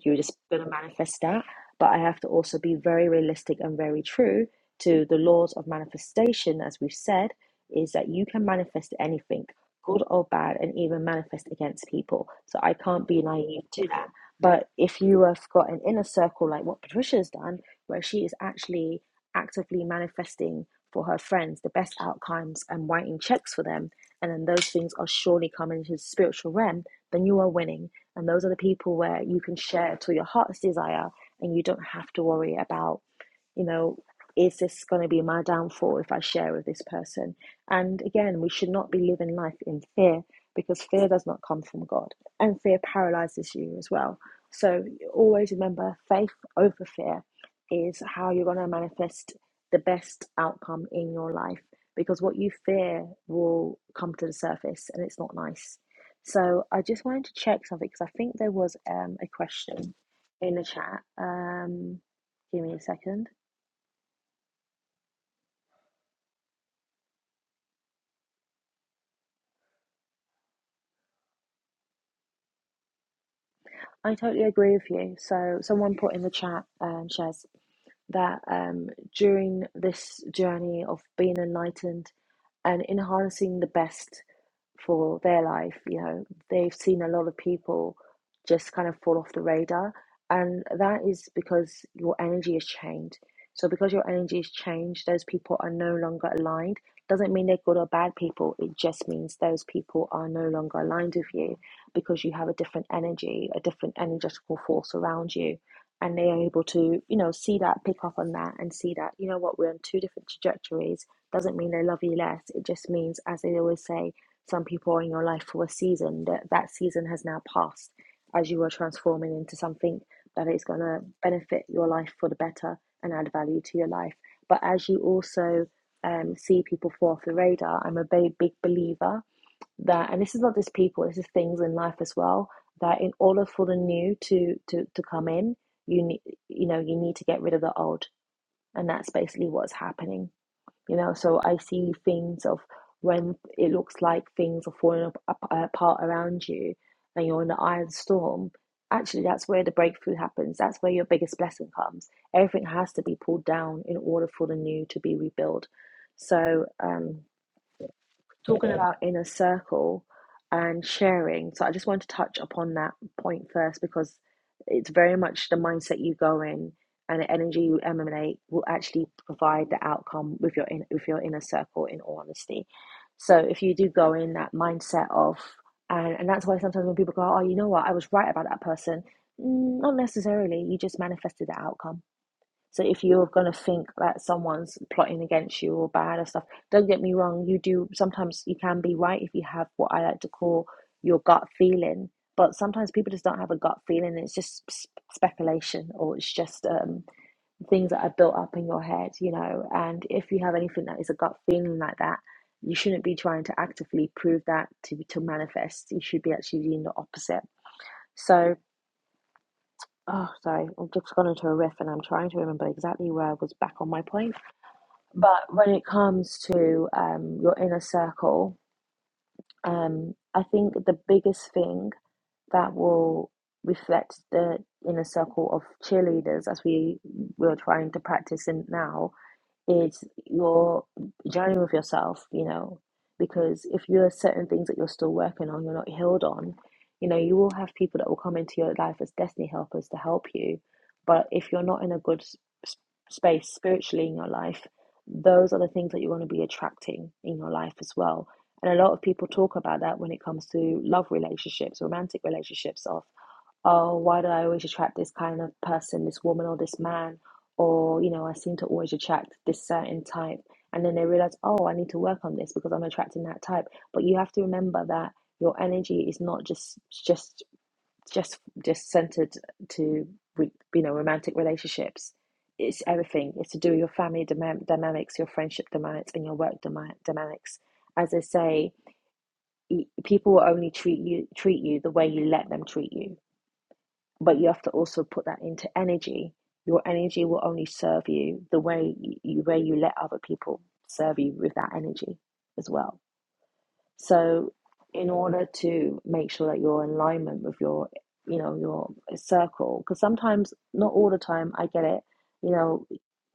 Speaker 1: you're just gonna manifest that. But I have to also be very realistic and very true to the laws of manifestation, as we've said, is that you can manifest anything, good or bad, and even manifest against people. So I can't be naive to that. But if you have got an inner circle like what Patricia's done, where she is actually actively manifesting for her friends the best outcomes and writing checks for them, and then those things are surely coming into the spiritual realm, then you are winning. And those are the people where you can share to your heart's desire and you don't have to worry about you know, is this going to be my downfall if I share with this person? And again, we should not be living life in fear because fear does not come from God and fear paralyzes you as well. So always remember faith over fear is how you're going to manifest the best outcome in your life because what you fear will come to the surface and it's not nice. So I just wanted to check something because I think there was um, a question in the chat. Um, give me a second. I totally agree with you. So, someone put in the chat, um, Shez, that um, during this journey of being enlightened and in harnessing the best for their life. You know, they've seen a lot of people just kind of fall off the radar, and that is because your energy is changed. So, because your energy is changed, those people are no longer aligned. Doesn't mean they're good or bad people. It just means those people are no longer aligned with you because you have a different energy, a different energetical force around you. And they are able to, you know, see that, pick up on that, and see that, you know what, we're on two different trajectories doesn't mean they love you less. It just means, as they always say, some people are in your life for a season that that season has now passed as you are transforming into something that is going to benefit your life for the better and add value to your life. But as you also um, see people fall off the radar, I'm a big, big believer that, and this is not just people, this is things in life as well, that in order for the new to, to, to come in, you need, you know, you need to get rid of the old. And that's basically what's happening you know so i see things of when it looks like things are falling up ap- apart around you and you're in the eye of the storm actually that's where the breakthrough happens that's where your biggest blessing comes everything has to be pulled down in order for the new to be rebuilt so um talking about inner circle and sharing. So I just want to touch upon that point first because it's very much the mindset you go in and the energy you emanate will actually provide the outcome with your in, with your inner circle in all honesty. So if you do go in that mindset of and, and that's why sometimes when people go, oh, you know what, I was right about that person. Mm, Not necessarily. You just manifested the outcome so if you're gonna think that someone's plotting against you or bad or stuff, don't get me wrong, you do sometimes you can be right if you have what I like to call your gut feeling. But sometimes people just don't have a gut feeling. It's just speculation or it's just um, things that are built up in your head, you know. And if you have anything that is a gut feeling like that, you shouldn't be trying to actively prove that to to manifest. You should be actually doing the opposite. So, oh, sorry, I've just gone into a riff, and I'm trying to remember exactly where I was back on my point. But when it comes to um, your inner circle, um, I think the biggest thing that will reflect the inner circle of cheerleaders, as we we are trying to practice in now, is your journey with yourself, you know, because if you are certain things that you're still working on, you're not healed on, you know, you will have people that will come into your life as destiny helpers to help you. But if you're not in a good s- space spiritually in your life, those are the things that you're going to be attracting in your life as well. And a lot of people talk about that when it comes to love relationships, romantic relationships, of oh, why do I always attract this kind of person, this woman or this man? Or, you know, I seem to always attract this certain type. And then they realize, oh, I need to work on this because I'm attracting that type. But you have to remember that your energy is not just just just just centered to you know romantic relationships. It's everything. It's to do with your family dynamics, your friendship dynamics, and your work dynamics. As I say, e, people will only treat you treat you the way you let them treat you but you have to also put that into energy. Your energy will only serve you the way you, where you let other people serve you with that energy as well. So, in order to make sure that you're in alignment with your, you know, your circle, because sometimes, not all the time, I get it. You know,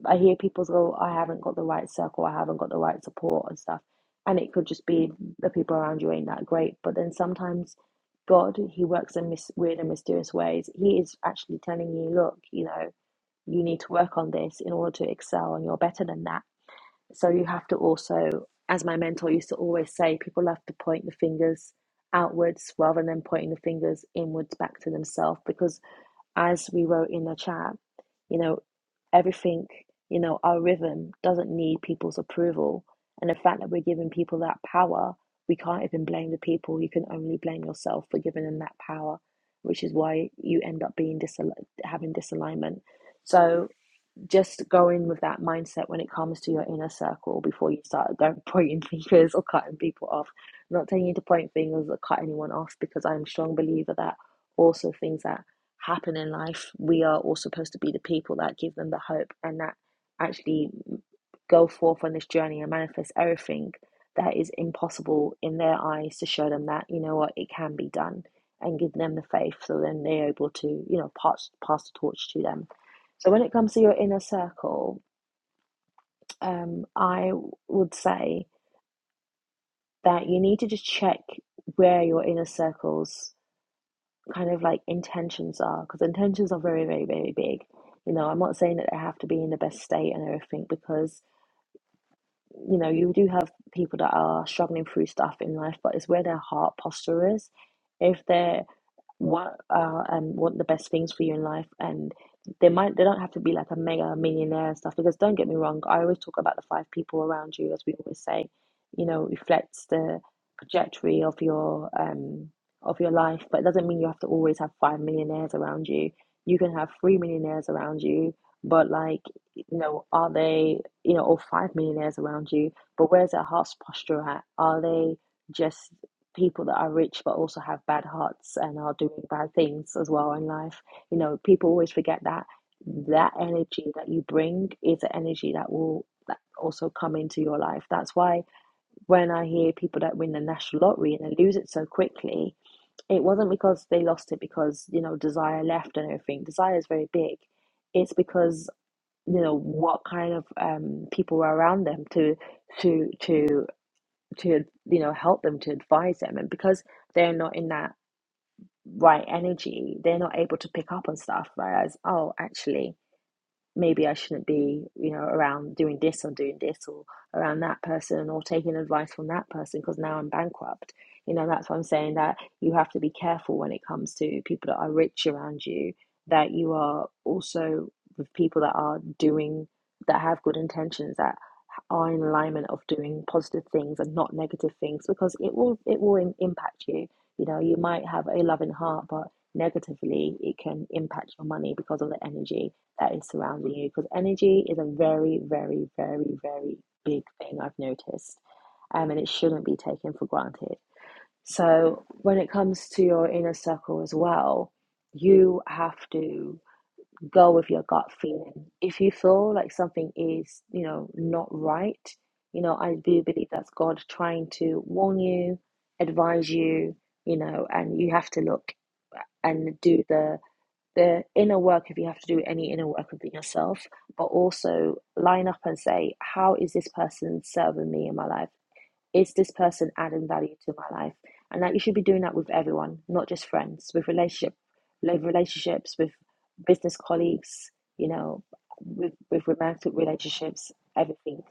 Speaker 1: I hear people go, I haven't got the right circle, I haven't got the right support and stuff. And it could just be the people around you ain't that great. But then sometimes God, He works in mis- weird and mysterious ways. He is actually telling you, look, you know, you need to work on this in order to excel and you're better than that so you have to also, as my mentor used to always say, people have to point the fingers outwards rather than pointing the fingers inwards back to themselves. Because as we wrote in the chat, you know, everything, you know, our rhythm doesn't need people's approval. And the fact that we're giving people that power, we can't even blame the people. You can only blame yourself for giving them that power, which is why you end up being disal- having disalignment. So just go in with that mindset when it comes to your inner circle before you start going pointing fingers or cutting people off. I'm not telling you to point fingers or cut anyone off because I'm a strong believer that also things that happen in life, we are all supposed to be the people that give them the hope and that actually go forth on this journey and manifest everything that is impossible in their eyes to show them that, you know what, it can be done and give them the faith so then they're able to, you know, pass, pass the torch to them so when it comes to your inner circle, um, I would say that you need to just check where your inner circle's kind of like intentions are, because intentions are very, very, very big. You know, I'm not saying that they have to be in the best state and everything, because you know you do have people that are struggling through stuff in life, but it's where their heart posture is. If they're what uh and what the best things for you in life and they might they don't have to be like a mega millionaire and stuff because don't get me wrong i always talk about the five people around you as we always say you know reflects the trajectory of your um of your life but it doesn't mean you have to always have five millionaires around you you can have three millionaires around you but like you know are they you know or five millionaires around you but where's their heart's posture at are they just people that are rich but also have bad hearts and are doing bad things as well in life. You know, people always forget that that energy that you bring is an energy that will that also come into your life. That's why when I hear people that win the national lottery and they lose it so quickly, it wasn't because they lost it because, you know, desire left and everything. Desire is very big. It's because, you know, what kind of um people were around them to to to to you know help them to advise them and because they're not in that right energy they're not able to pick up on stuff whereas oh actually maybe i shouldn't be you know around doing this or doing this or around that person or taking advice from that person because now i'm bankrupt you know that's why i'm saying that you have to be careful when it comes to people that are rich around you that you are also with people that are doing that have good intentions that are in alignment of doing positive things and not negative things because it will it will im- impact you you know you might have a loving heart but negatively it can impact your money because of the energy that is surrounding you because energy is a very very very very big thing i've noticed um, and it shouldn't be taken for granted so when it comes to your inner circle as well you have to go with your gut feeling. If you feel like something is, you know, not right, you know, I do believe that's God trying to warn you, advise you, you know, and you have to look and do the the inner work if you have to do any inner work within yourself, but also line up and say, How is this person serving me in my life? is this person adding value to my life? And that you should be doing that with everyone, not just friends, with relationship, love relationships, with business colleagues, you know, with with romantic relationships, everything.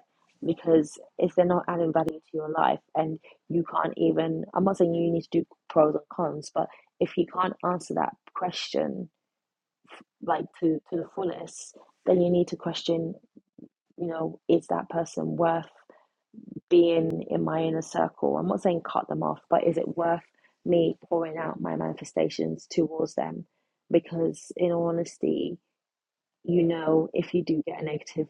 Speaker 1: Because if they're not adding value to your life and you can't even, I'm not saying you need to do pros and cons, but if you can't answer that question like to to the fullest, then you need to question, you know, is that person worth being in my inner circle. I'm not saying cut them off, but is it worth me pouring out my manifestations towards them? Because, in all honesty, you know, if you do get a negative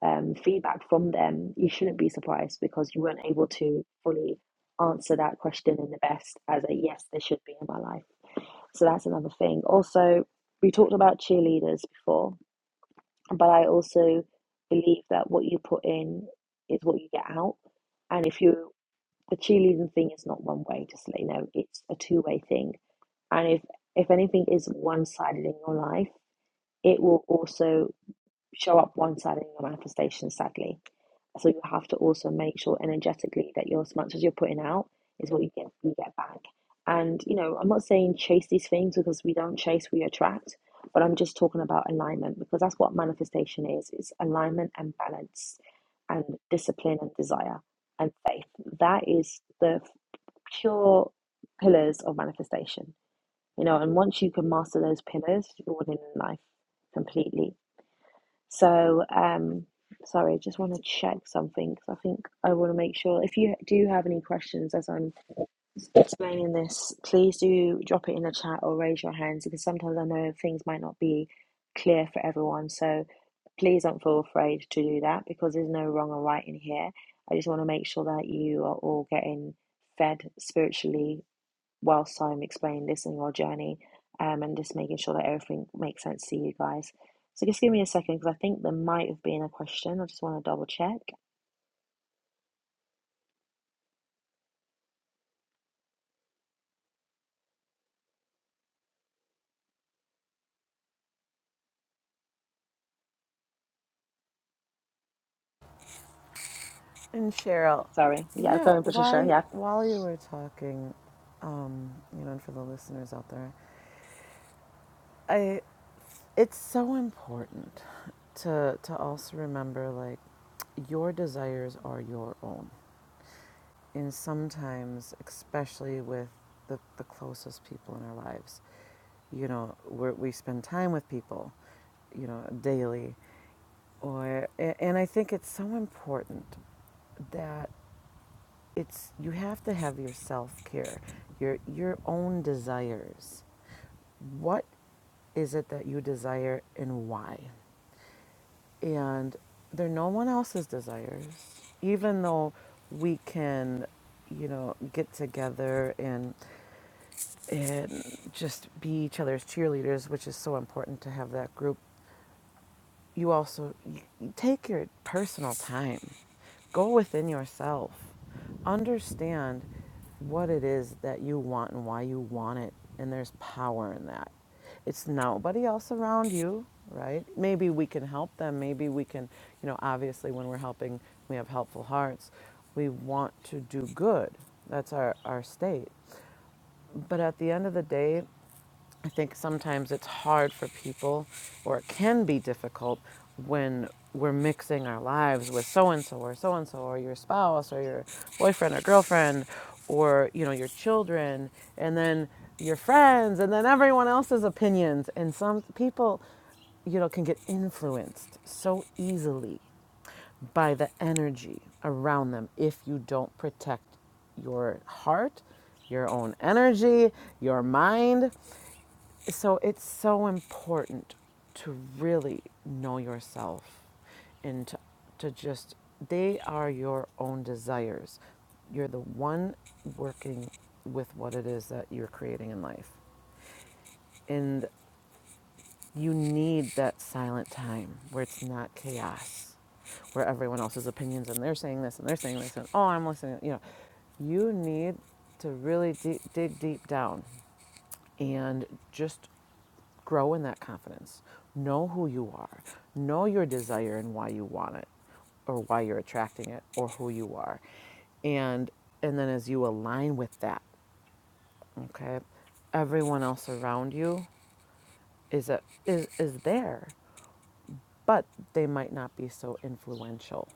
Speaker 1: um, feedback from them, you shouldn't be surprised because you weren't able to fully answer that question in the best as a yes, they should be in my life. So that's another thing. Also, we talked about cheerleaders before, but I also believe that what you put in is what you get out. And if you the cheerleading thing is not one way, just to let you know, it's a two way thing. And if if anything is one sided in your life, it will also show up one sided in your manifestation, sadly. So you have to also make sure energetically that your as much as you're putting out is what you get you get back. And you know, I'm not saying chase these things because we don't chase, we attract. But I'm just talking about alignment because that's what manifestation is. It's alignment and balance and discipline and desire and faith. That is the pure pillars of manifestation, you know, and once you can master those pillars, you're winning in life completely. So, um, sorry, I just want to check something because I think I want to make sure if you do have any questions as I'm explaining this, please do drop it in the chat or raise your hands because sometimes I know things might not be clear for everyone. So please don't feel afraid to do that because there's no wrong or right in here. I just want to make sure that you are all getting fed spiritually whilst I'm explaining this in your journey um, and just making sure that everything makes sense to you guys. So just give me a second because I think there might have been a question. I just want to double check.
Speaker 2: and Cheryl,
Speaker 1: Sorry. Yeah,
Speaker 2: yeah,
Speaker 1: going Patricia.
Speaker 2: why
Speaker 1: Yeah.
Speaker 2: while you were talking, um, you know, and for the listeners out there, I. It's so important to to also remember like your desires are your own. And sometimes, especially with the, the closest people in our lives, you know, we're, we spend time with people, you know, daily. Or, and I think it's so important that it's you have to have your self-care your your own desires what is it that you desire and why and they're no one else's desires even though we can you know get together and and just be each other's cheerleaders which is so important to have that group you also you, take your personal time go within yourself understand what it is that you want and why you want it and there's power in that it's nobody else around you right maybe we can help them maybe we can you know obviously when we're helping we have helpful hearts we want to do good that's our, our state but at the end of the day I think sometimes it's hard for people, or it can be difficult when we're mixing our lives with so and so or so and so or your spouse or your boyfriend or girlfriend or you know your children and then your friends and then everyone else's opinions and some people you know can get influenced so easily by the energy around them if you don't protect your heart your own energy, your mind. So it's so important to really know yourself and to, to just, they are your own desires. You're the one working with what it is that you're creating in life. And you need that silent time where it's not chaos, where everyone else's opinions and they're saying this and they're saying this and oh, I'm listening. You know, you need to really de- dig deep down and just grow in that confidence. Know who you are. Know your desire and why you want it or why you're attracting it or who you are. And and then as you align with that, okay? Everyone else around you is a, is is there, but they might not be so influential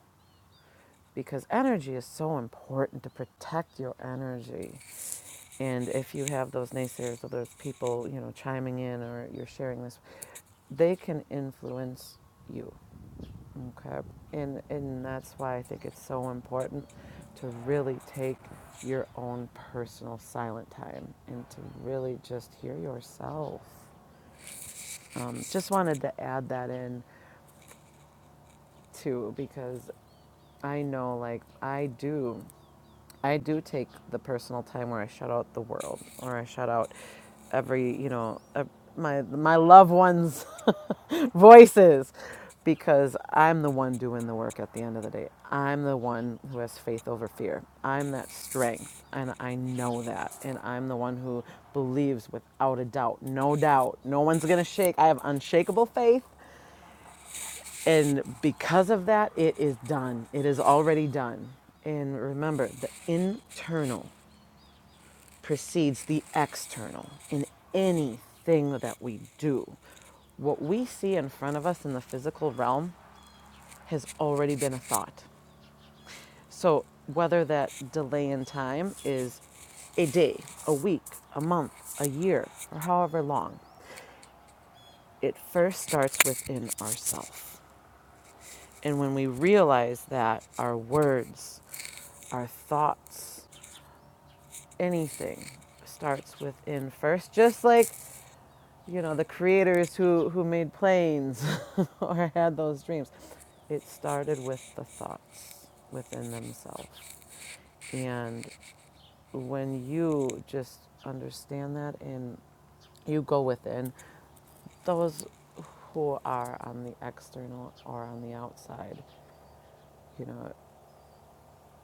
Speaker 2: because energy is so important to protect your energy. And if you have those naysayers or those people, you know, chiming in or you're sharing this, they can influence you. Okay. And and that's why I think it's so important to really take your own personal silent time and to really just hear yourself. Um, just wanted to add that in too because I know like I do I do take the personal time where I shut out the world, or I shut out every, you know, ev- my my loved ones' voices, because I'm the one doing the work at the end of the day. I'm the one who has faith over fear. I'm that strength, and I know that, and I'm the one who believes without a doubt, no doubt, no one's gonna shake. I have unshakable faith, and because of that, it is done. It is already done. And remember, the internal precedes the external in anything that we do. What we see in front of us in the physical realm has already been a thought. So, whether that delay in time is a day, a week, a month, a year, or however long, it first starts within ourselves. And when we realize that our words, our thoughts, anything starts within first, just like you know, the creators who, who made planes or had those dreams. It started with the thoughts within themselves. And when you just understand that and you go within, those who are on the external or on the outside, you know,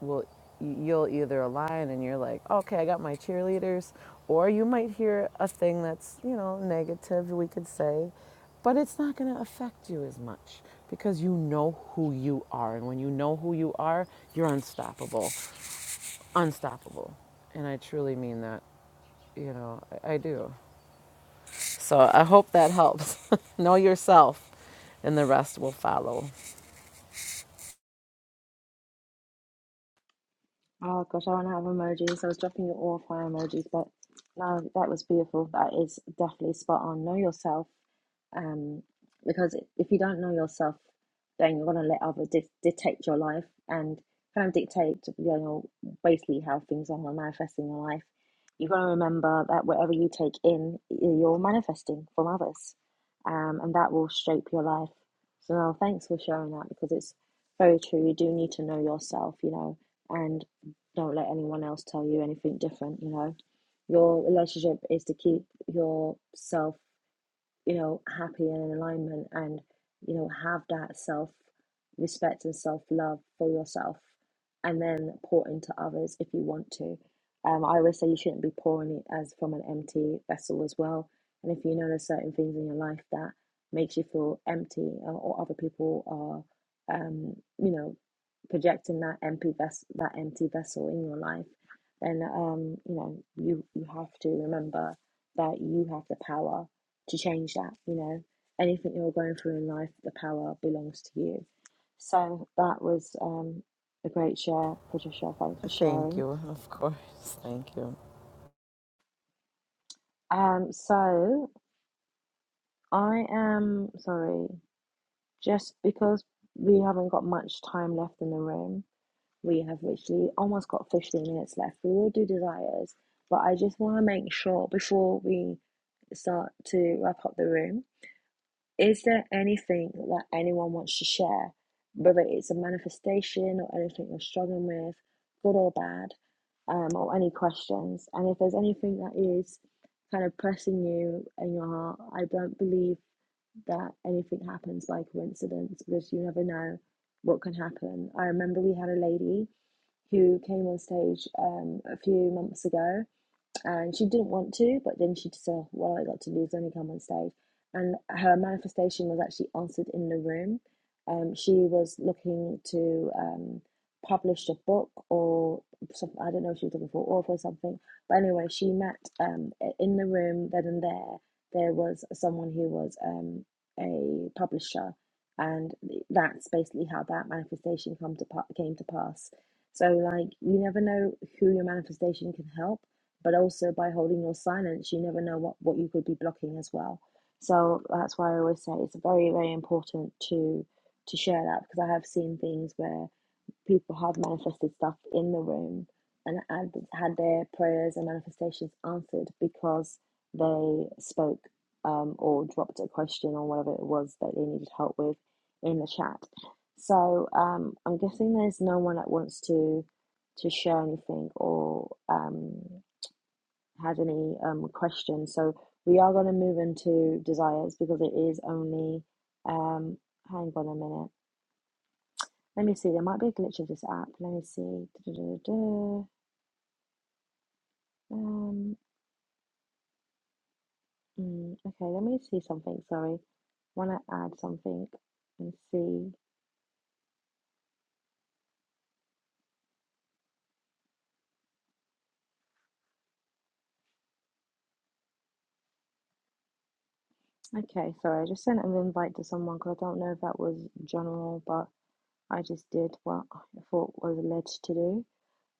Speaker 2: will you'll either align and you're like okay i got my cheerleaders or you might hear a thing that's you know negative we could say but it's not going to affect you as much because you know who you are and when you know who you are you're unstoppable unstoppable and i truly mean that you know i, I do so i hope that helps know yourself and the rest will follow
Speaker 1: Oh gosh, I don't have emojis. I was dropping you all fire emojis, but no, that was beautiful. That is definitely spot on. Know yourself um, because if you don't know yourself, then you're going to let others di- dictate your life and kind of dictate, you know, basically how things are manifesting in your life. You've got to remember that whatever you take in, you're manifesting from others, um, and that will shape your life. So, no, thanks for sharing that because it's very true. You do need to know yourself, you know, and don't let anyone else tell you anything different, you know. Your relationship is to keep yourself you know, happy and in alignment and, you know, have that self respect and self love for yourself and then pour into others if you want to. Um, I always say you shouldn't be pouring it as from an empty vessel as well. And if you notice certain things in your life that makes you feel empty or, or other people are, um, you know, projecting that empty vessel, that empty vessel in your life, then, um, you know, you, you have to remember that you have the power to change that, you know. Anything you're going through in life, the power belongs to you. So that was um, a great share, Patricia. Thanks for
Speaker 2: thank
Speaker 1: sharing.
Speaker 2: you of course thank you
Speaker 1: Um, so I am sorry, just because we haven't got much time left in the room, we have literally almost got 15 minutes left. We will do desires, but I just want to make sure before we start to wrap up the room Is there anything that anyone wants to share, whether it's a manifestation or anything you're struggling with, good or bad, um, or any questions? And if there's anything that is kind of pressing you in your heart, I don't believe that anything happens by coincidence because you never know what can happen. I remember we had a lady who came on stage um, a few months ago and she didn't want to, but then she said, "Well, I got to lose. Let me come on stage." And her manifestation was actually answered in the room. Um, she was looking to um, publish a book or something. I don't know if she was looking for an author or something. But anyway, she met um, in the room. Then and there, there was someone who was um, a publisher, and that's basically how that manifestation come to pa- came to pass. So, like, you never know who your manifestation can help but also by holding your silence, you never know what, what you could be blocking as well. So that's why I always say it's very, very important to to share that because I have seen things where people have manifested stuff in the room and had, had their prayers and manifestations answered because they spoke um, or dropped a question or whatever it was that they needed help with in the chat. So um, I'm guessing there's no one that wants to to share anything or um, had any um, questions. So we are going to move into desires because it is only. Um, hang on a minute. Let me see. There might be a glitch of this app. Let me see. Um, mm, okay, let me see something. Sorry, want to add something and see. Okay, sorry. I just sent an invite to someone because I don't know if that was general, but I just did what I thought was led to do.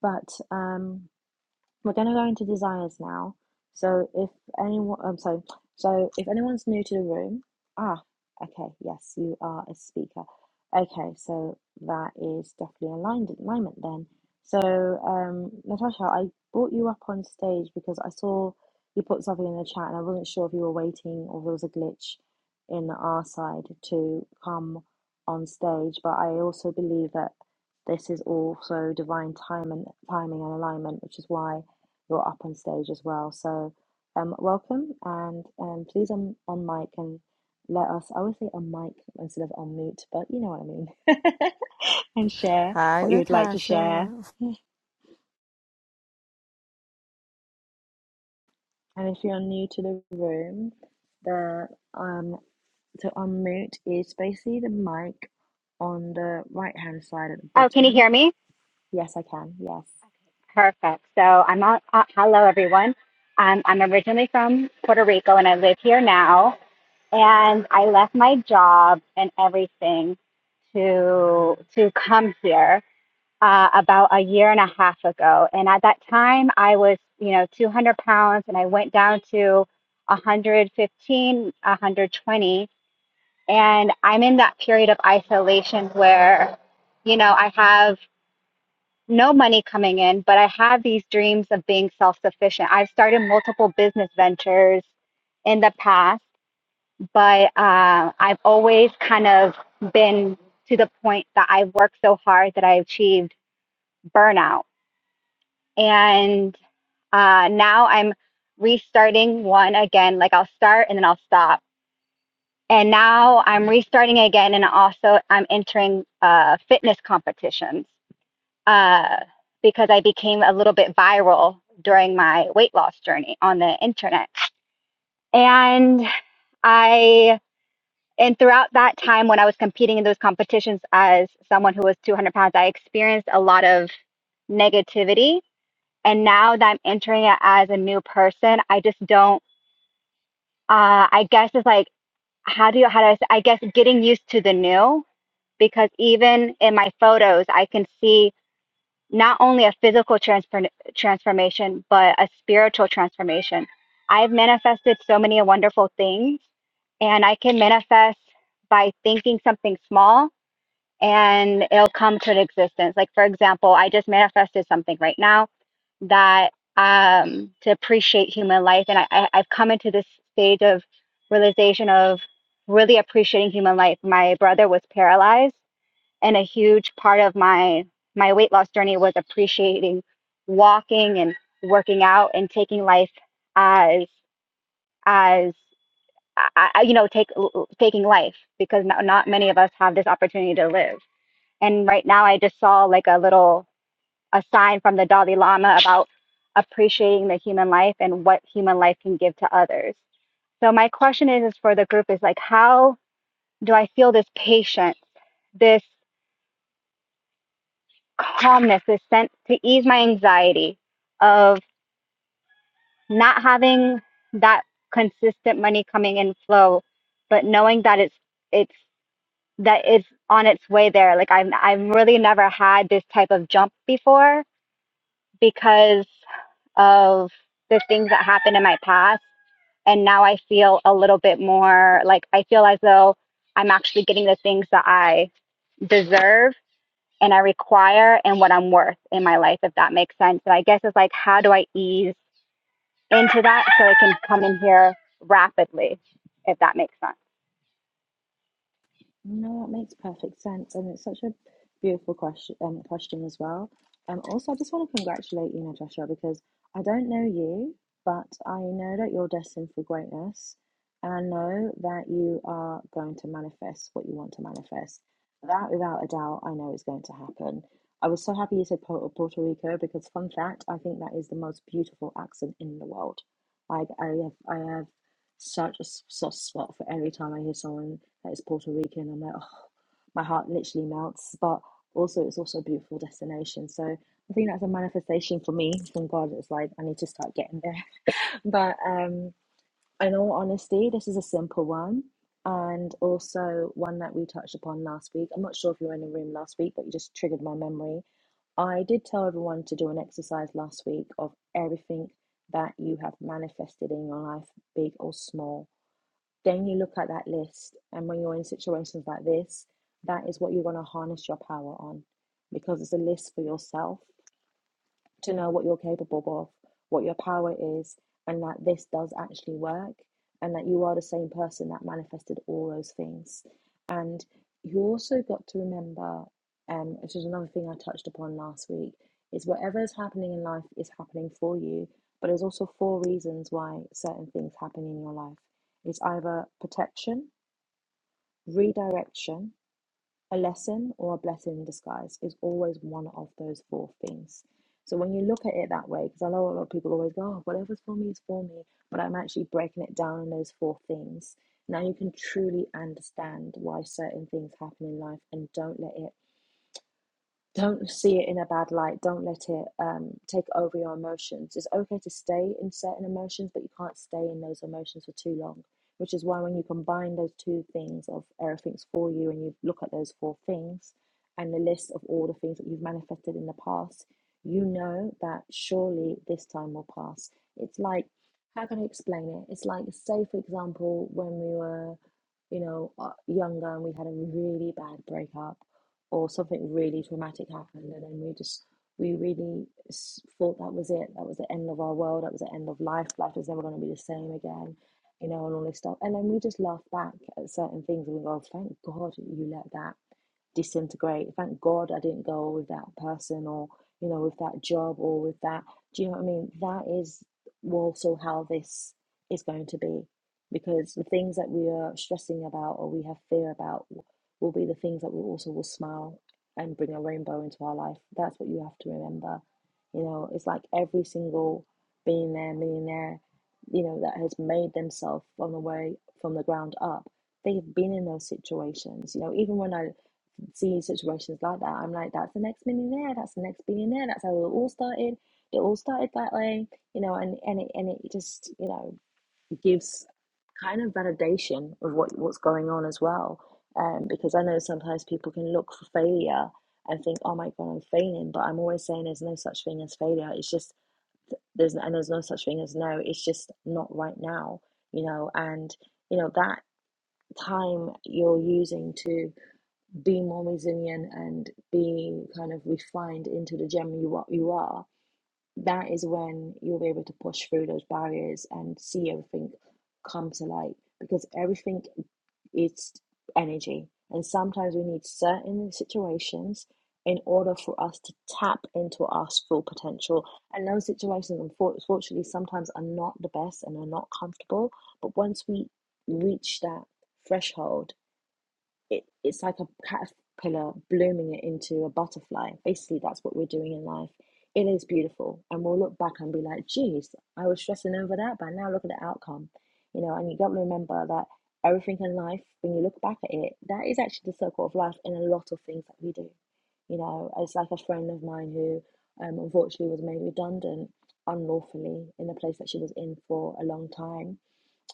Speaker 1: But um. We're going to go into desires now. So if anyone, I'm sorry. So if anyone's new to the room, ah, okay, yes, you are a speaker. Okay, so that is definitely aligned alignment then. So um, Natasha, I brought you up on stage because I saw you put something in the chat, and I wasn't sure if you were waiting or there was a glitch in our side to come on stage. But I also believe that this is also divine time and timing and alignment, which is why you're up on stage as well. So, um, welcome and um, please on on mic and let us. I would say on mic instead of unmute, but you know what I mean. and share
Speaker 2: hi
Speaker 1: what you would like to
Speaker 2: natasha
Speaker 1: share. And if you're new to the room, the um to unmute is basically the mic on the right hand side at the
Speaker 3: Oh, can you
Speaker 1: bottom.
Speaker 3: hear me?
Speaker 1: Yes, I can. Yes.
Speaker 3: Perfect. So I'm on. Uh, hello, everyone. Um, I'm originally from Puerto Rico, and I live here now. And I left my job and everything to to come here uh, about a year and a half ago. And at that time, I was, you know, 200 pounds, and I went down to 115, 120. And I'm in that period of isolation where, you know, I have no money coming in, but I had these dreams of being self sufficient. I've started multiple business ventures in the past, but uh, I've always kind of been to the point that I worked so hard that I achieved burnout. And uh, now I'm restarting one again. Like I'll start and then I'll stop. And now I'm restarting again, and also I'm entering uh, fitness competitions uh, because I became a little bit viral during my weight loss journey on the internet. And I, and throughout that time when I was competing in those competitions as someone who was 200 pounds, I experienced a lot of negativity. And now that I'm entering it as a new person, I just don't, uh, I guess it's like, how do you, how do I, I guess getting used to the new because even in my photos, I can see not only a physical transfer, transformation, but a spiritual transformation. I've manifested so many wonderful things, and I can manifest by thinking something small and it'll come to an existence. Like, for example, I just manifested something right now that um, to appreciate human life. And I, I, I've come into this stage of realization of really appreciating human life. My brother was paralyzed and a huge part of my my weight loss journey was appreciating walking and working out and taking life as as I, I- you know take taking life because not, not many of us have this opportunity to live and right now i just saw like a little a sign from the dalai lama about appreciating the human life and what human life can give to others so my question is, is for the group is like how do i feel this patience this calmness is sent to ease my anxiety of not having that consistent money coming in flow, but knowing that it's it's that it's on its way there. Like I've I've really never had this type of jump before because of the things that happened in my past. And now I feel a little bit more like I feel as though I'm actually getting the things that I deserve and I require and what I'm worth in my life, if that makes sense. So I guess it's like, how do I ease into that so it can come in here rapidly, if that makes sense?
Speaker 1: No, that makes perfect sense, and it's such a beautiful question, um, question as well. Um, also, I just want to congratulate you, Natasha, because I don't know you, but I know that you're destined for greatness, and I know that you are going to manifest what you want to manifest. That, without a doubt, I know is going to happen. I was so happy you said Puerto, Puerto Rico because, fun fact, I think that is the most beautiful accent in the world. Like, I have, I have such a soft spot for every time I hear someone that is Puerto Rican. I'm like, oh, my heart literally melts. But also, it's also a beautiful destination. So I think that's a manifestation for me from God. It's like I need to start getting there. But um, in all honesty, this is a simple one, and also one that we touched upon last week. I'm not sure if you were in the room last week, but you just triggered my memory. I did tell everyone to do an exercise last week of everything that you have manifested in your life, big or small then you look at that list, and when you're in situations like this, that is what you're going to harness your power on because it's a list for yourself to know what you're capable of, what your power is, and that this does actually work, and that you are the same person that manifested all those things. And you also got to remember, um, which is another thing I touched upon last week, is whatever is happening in life is happening for you, but there's also four reasons why certain things happen in your life. It's either protection, redirection, a lesson or a blessing in disguise is always one of those four things. So when you look at it that way, because I know a lot of people always go, oh, whatever's for me is for me, but I'm actually breaking it down in those four things. Now you can truly understand why certain things happen in life and don't let it don't see it in a bad light don't let it um, take over your emotions it's okay to stay in certain emotions but you can't stay in those emotions for too long which is why when you combine those two things of everything's for you and you look at those four things and the list of all the things that you've manifested in the past you know that surely this time will pass it's like how can i explain it it's like say for example when we were you know uh, younger and we had a really bad breakup or something really traumatic happened and then we just we really thought that was it that was the end of our world that was the end of life life was never going to be the same again you know and all this stuff and then we just laugh back at certain things and we go thank god you let that disintegrate thank god i didn't go with that person or you know with that job or with that do you know what i mean that is also how this is going to be because the things that we are stressing about or we have fear about will be the things that will also will smile and bring a rainbow into our life. That's what you have to remember. You know, it's like every single billionaire, millionaire, you know, that has made themselves on the way from the ground up. They have been in those situations. You know, even when I see situations like that, I'm like, that's the next millionaire, that's the next billionaire, that's how it all started. It all started that way, you know, and, and it and it just, you know, gives kind of validation of what what's going on as well. Um, because I know sometimes people can look for failure and think, "Oh my God, I'm failing," but I'm always saying there's no such thing as failure. It's just there's and there's no such thing as no. It's just not right now, you know. And you know that time you're using to be more resilient and be kind of refined into the gem you are, you are that is when you'll be able to push through those barriers and see everything come to light because everything is energy and sometimes we need certain situations in order for us to tap into our full potential and those situations unfortunately sometimes are not the best and are not comfortable but once we reach that threshold it, it's like a caterpillar blooming it into a butterfly. Basically, that's what we're doing in life. It is beautiful, and we'll look back and be like, "Geez, I was stressing over that, but now look at the outcome." You know, and you got to remember that everything in life, when you look back at it, that is actually the circle of life in a lot of things that we do. You know, it's like a friend of mine who, um, unfortunately, was made redundant unlawfully in the place that she was in for a long time.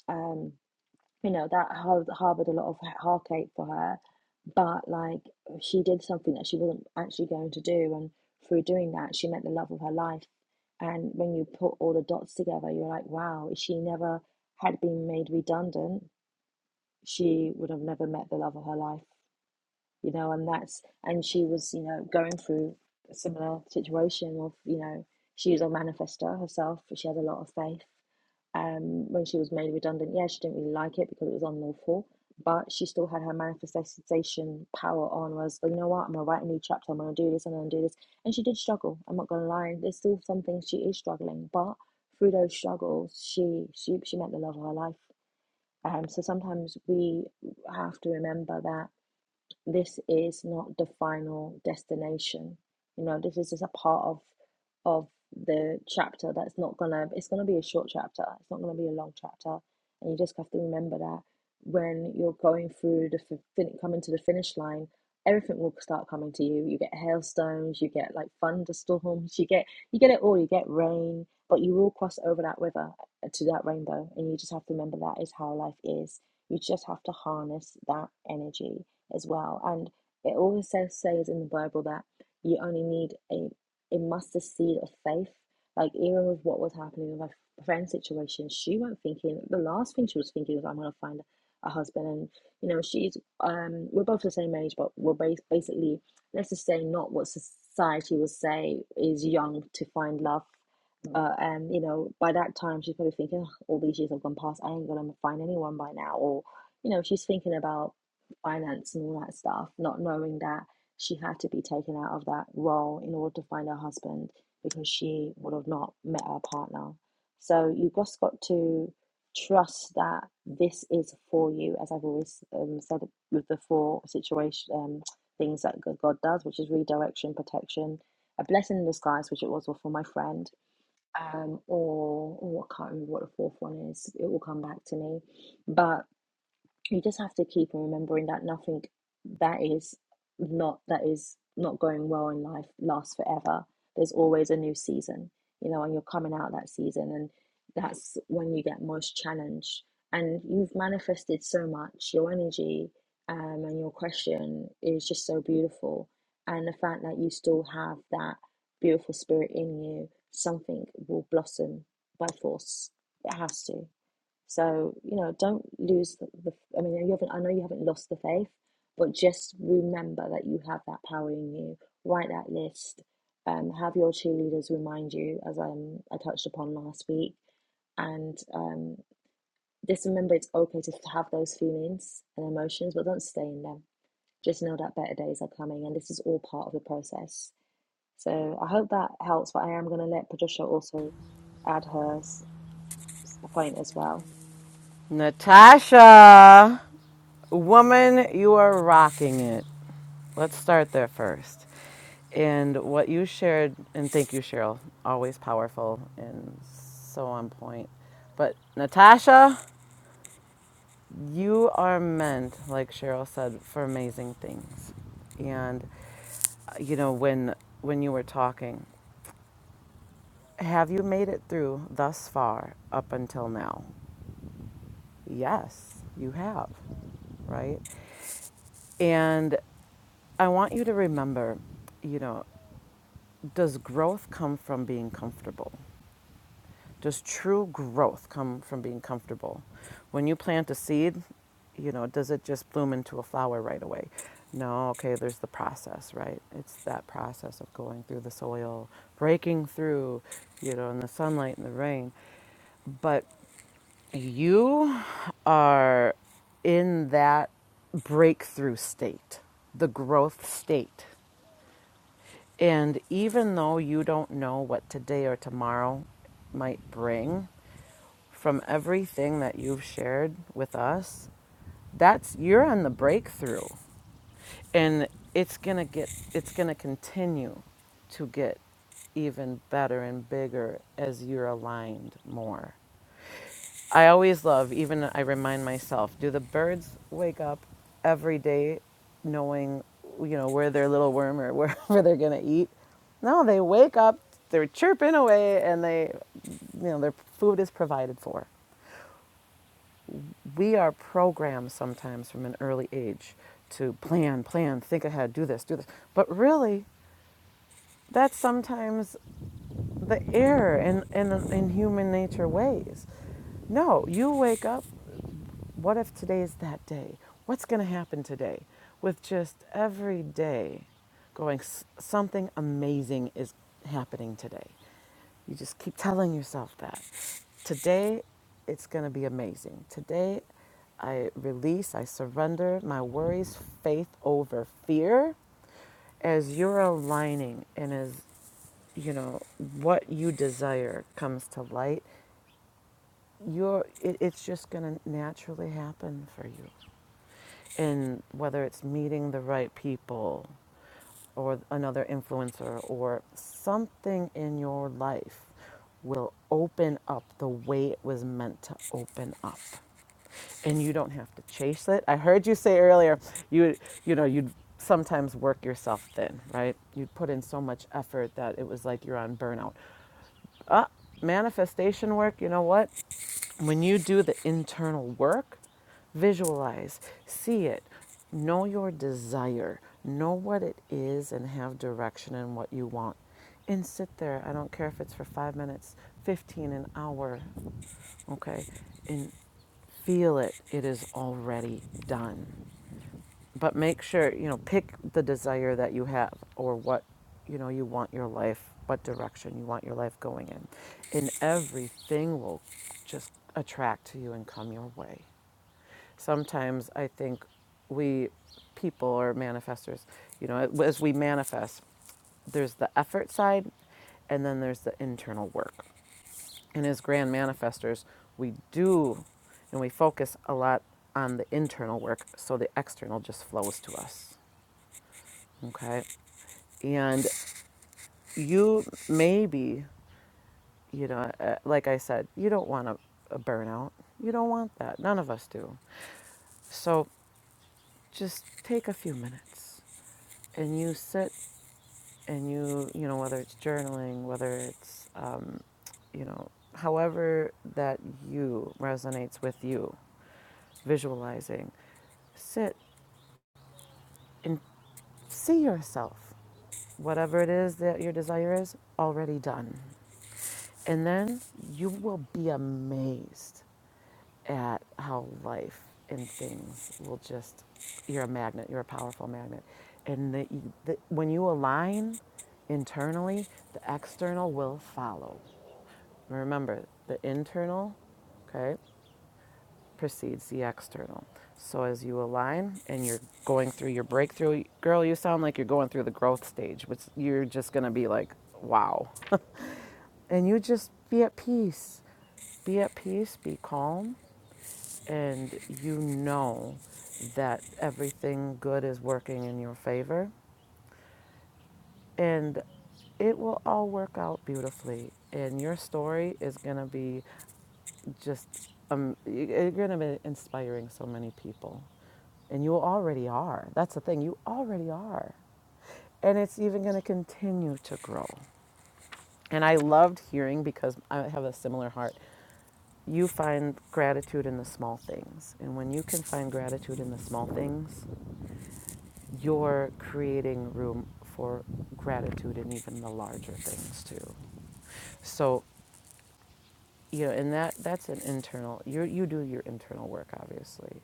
Speaker 1: Um, you know that har- harbored a lot of he- heartache for her but like she did something that she wasn't actually going to do and through doing that she met the love of her life and when you put all the dots together you're like wow if she never had been made redundant she would have never met the love of her life you know and that's and she was you know going through a similar situation of you know she was a manifester herself she had a lot of faith um, when she was made redundant, yeah, she didn't really like it because it was unlawful, but she still had her manifestation power on, was like, you know what, I'm gonna write a new chapter, I'm gonna do this, I'm gonna do this. And she did struggle, I'm not gonna lie. There's still some things she is struggling, but through those struggles, she she she met the love of her life. Um, so sometimes we have to remember that this is not the final destination. You know, this is just a part of of the chapter that's not gonna it's gonna be a short chapter, it's not gonna be a long chapter. And you just have to remember that when you're going through the fin- coming to the finish line, everything will start coming to you. You get hailstones, you get like thunderstorms, you get you get it all, you get rain, but you will cross over that river uh, to that rainbow. And you just have to remember that is how life is. You just have to harness that energy as well. And it always says in the Bible that you only need a a mustard seed of faith. Like even with what was happening with my friend's situation, she went thinking the last thing she was thinking was I'm gonna find a husband and you know she's um we're both the same age but we're bas- basically let's just say not what society would say is young to find love uh, and you know by that time she's probably thinking "Ugh, all these years have gone past i ain't gonna find anyone by now or you know she's thinking about finance and all that stuff, not knowing that she had to be taken out of that role in order to find her husband because she would have not met her partner. So you just got to trust that this is for you, as I've always um, said with the four situation um, things that God does, which is redirection, protection, a blessing in disguise, which it was for my friend, um, or oh, I can't remember what the fourth one is. It will come back to me, but you just have to keep on remembering that nothing that is not that is not going well in life lasts forever. There's always a new season, you know, and you're coming out that season, and that's when you get most challenged. And you've manifested so much. Your energy um, and your question is just so beautiful, and the fact that you still have that beautiful spirit in you, something will blossom by force. It has to. So, you know, don't lose the, the I mean, you haven't, I know you haven't lost the faith, but just remember that you have that power in you. Write that list. Um, have your cheerleaders remind you, as um, I touched upon last week. And um, just remember it's okay to have those feelings and emotions, but don't stay in them. Just know that better days are coming, and this is all part of the process. So I hope that helps, but I am going to let Patricia also add her point as well.
Speaker 2: Natasha, woman, you are rocking it. Let's start there first. And what you shared, and thank you, Cheryl, always powerful and so on point. But Natasha, you are meant, like Cheryl said, for amazing things. And uh, you know, when when you were talking, have you made it through thus far up until now? Yes, you have right? And I want you to remember, you know, does growth come from being comfortable? Does true growth come from being comfortable? When you plant a seed, you know, does it just bloom into a flower right away? No, okay, there's the process, right? It's that process of going through the soil, breaking through, you know, in the sunlight and the rain. But you are in that breakthrough state, the growth state. And even though you don't know what today or tomorrow might bring, from everything that you've shared with us, that's you're on the breakthrough. And it's going to get it's going to continue to get even better and bigger as you're aligned more. I always love, even I remind myself, do the birds wake up every day knowing, you know, where their little worm or wherever they're going to eat? No, they wake up, they're chirping away, and they, you know, their food is provided for. We are programmed sometimes from an early age to plan, plan, think ahead, do this, do this. But really, that's sometimes the error in, in, in human nature ways. No, you wake up What if today is that day? What's going to happen today? With just every day going, something amazing is happening today. You just keep telling yourself that. Today, it's going to be amazing. Today, I release, I surrender my worries, faith over fear as you're aligning and as you know what you desire comes to light you're it, it's just going to naturally happen for you in whether it's meeting the right people or another influencer or something in your life will open up the way it was meant to open up and you don't have to chase it i heard you say earlier you you know you'd sometimes work yourself thin right you'd put in so much effort that it was like you're on burnout Ah, manifestation work you know what when you do the internal work, visualize, see it, know your desire, know what it is, and have direction in what you want. And sit there, I don't care if it's for five minutes, 15, an hour, okay, and feel it. It is already done but make sure you know pick the desire that you have or what you know you want your life what direction you want your life going in and everything will just attract to you and come your way sometimes i think we people are manifestors you know as we manifest there's the effort side and then there's the internal work and as grand manifestors we do and we focus a lot on the internal work so the external just flows to us Okay. And you maybe, you know, uh, like I said, you don't want a, a burnout. You don't want that. None of us do. So just take a few minutes and you sit and you, you know, whether it's journaling, whether it's, um, you know, however that you resonates with you, visualizing, sit and see yourself, whatever it is that your desire is, already done. And then you will be amazed at how life and things will just, you're a magnet, you're a powerful magnet. And the, the, when you align internally, the external will follow. Remember, the internal, okay, precedes the external. So as you align and you're going through your breakthrough, girl, you sound like you're going through the growth stage, which you're just gonna be like, wow. and you just be at peace. Be at peace, be calm, and you know that everything good is working in your favor. And it will all work out beautifully. And your story is going to be just, um, you're going to be inspiring so many people. And you already are. That's the thing, you already are. And it's even going to continue to grow. And I loved hearing because I have a similar heart you find gratitude in the small things. And when you can find gratitude in the small things, you're creating room for gratitude in even the larger things too. So, you know, and that that's an internal you you do your internal work obviously.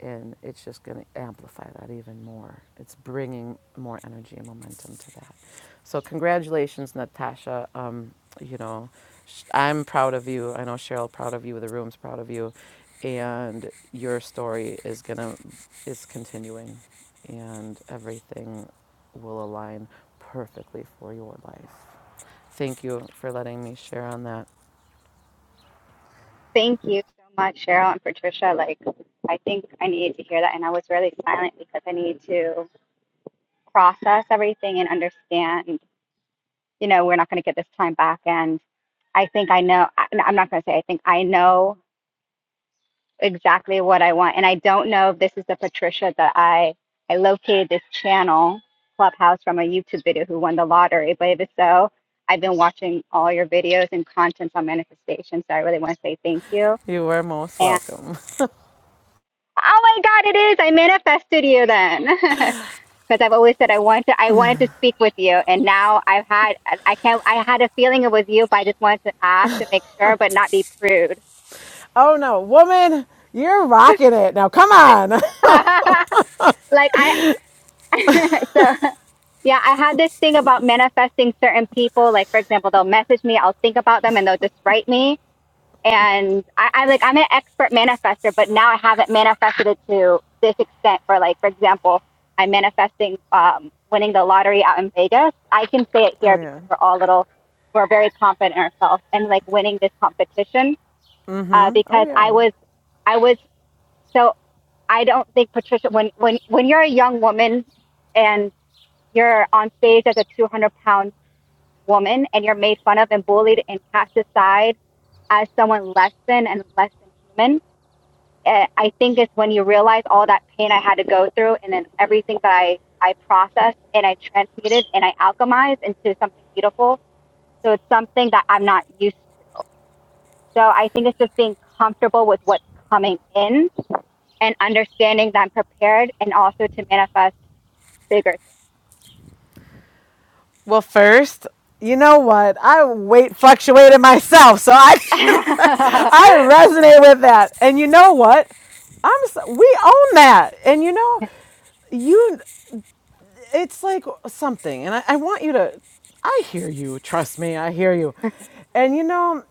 Speaker 2: and it's just going to amplify that even more. It's bringing more energy and momentum to that. So congratulations, Natasha. Um, you know, I'm proud of you. I know Cheryl proud of you. The room's proud of you, and your story is gonna is continuing, and everything will align perfectly for your life. Thank you for letting me share on that.
Speaker 3: Thank you so much, Cheryl and Patricia. Like, I think I needed to hear that, and I was really silent because I needed to process everything and understand. You know, we're not going to get this time back, and I think I know. I- I'm not going to say I think I know exactly what I want. And I don't know if this is the Patricia that I I located this channel Clubhouse from a YouTube video who won the lottery. But if it's so, I've been watching all your videos and contents on manifestation. So I really want to say thank you.
Speaker 2: You are most
Speaker 3: And
Speaker 2: welcome.
Speaker 3: oh my God, it is! I manifested you then, because I've always said I wanted to, I wanted to speak with you, and now I've had I I can't I had a feeling it was you, but I just wanted to ask to make sure, but not be prude.
Speaker 2: Oh no, woman, you're rocking it. Now come on.
Speaker 3: like I so. Yeah, I had this thing about manifesting certain people. Like, for example, they'll message me, I'll think about them, and they'll just write me. And I, I like, I'm an expert manifester, but now I haven't manifested it to this extent. For like, for example, I'm manifesting um, winning the lottery out in Vegas. I can say it
Speaker 2: Oh
Speaker 3: here
Speaker 2: yeah.
Speaker 3: because we're all little, we're very confident in ourselves, and like winning this competition uh,
Speaker 2: Oh
Speaker 3: because I
Speaker 2: yeah.
Speaker 3: was, I was so I don't think Patricia when when when you're a young woman and you're on stage as a 200 pound woman and you're made fun of and bullied and cast aside as someone less than and less than human, eh, I think it's when you realize all that pain I had to go through and then everything that I, I processed and I transmuted and I alchemized into something beautiful. So it's something that I'm not used to. So I think it's just being comfortable with what's coming in and understanding that I'm prepared and also to manifest bigger things.
Speaker 2: Well, first, you know what? I weight fluctuated myself, so I can, I resonate with that. And you know what? I'm s we own that. And you know, you it's like something. And I, I want you to I hear you. Trust me, I hear you. And you know,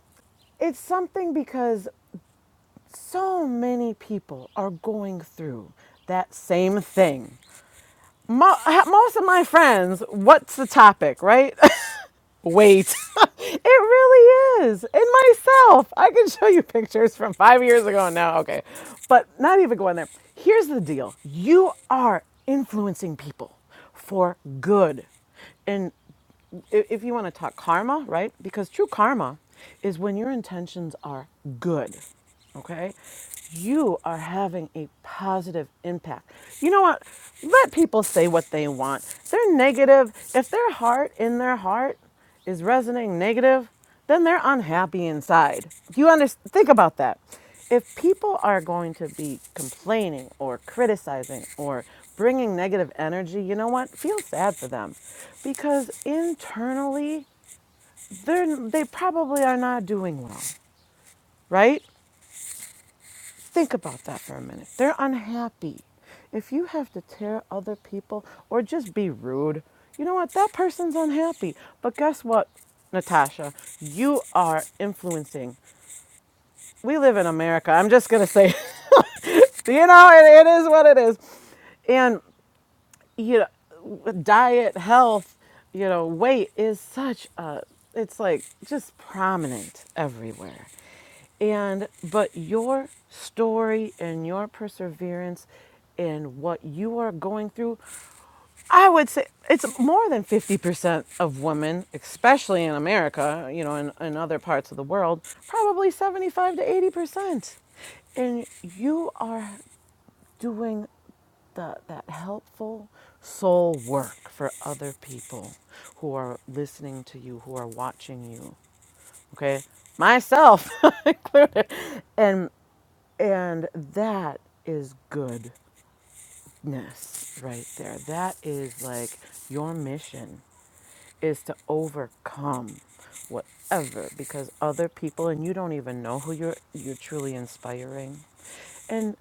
Speaker 2: it's something because so many people are going through that same thing. Mo- ha- most of my friends, what's the topic, right? Wait, it really is. And myself, I can show you pictures from five years ago and now. Okay, but not even going there. Here's the deal you are influencing people for good. And i- if you want to talk karma, right? Because true karma is when your intentions are good, okay? You are having a positive impact. You know what? Let people say what they want. They're negative. If they're hard in their heart, is resonating negative, then they're unhappy inside. Do you understand? Think about that. If people are going to be complaining or criticizing or bringing negative energy, you know what? Feel sad for them because internally, they're, they probably are not doing well, right? Think about that for a minute. They're unhappy. If you have to tear other people or just be rude, you know what? That person's unhappy. But guess what, Natasha? You are influencing. We live in America. I'm just going to say, you know, it, it is what it is. And you know diet health you know weight is such a it's like just prominent everywhere and but your story and your perseverance and what you are going through i would say it's more than 50% of women especially in america you know in, in other parts of the world probably 75 to 80% and you are doing the, that helpful soul work for other people who are listening to you, who are watching you. Okay, myself included, and and that is goodness right there. That is like your mission is to overcome whatever because other people and you don't even know who you're you're truly inspiring. And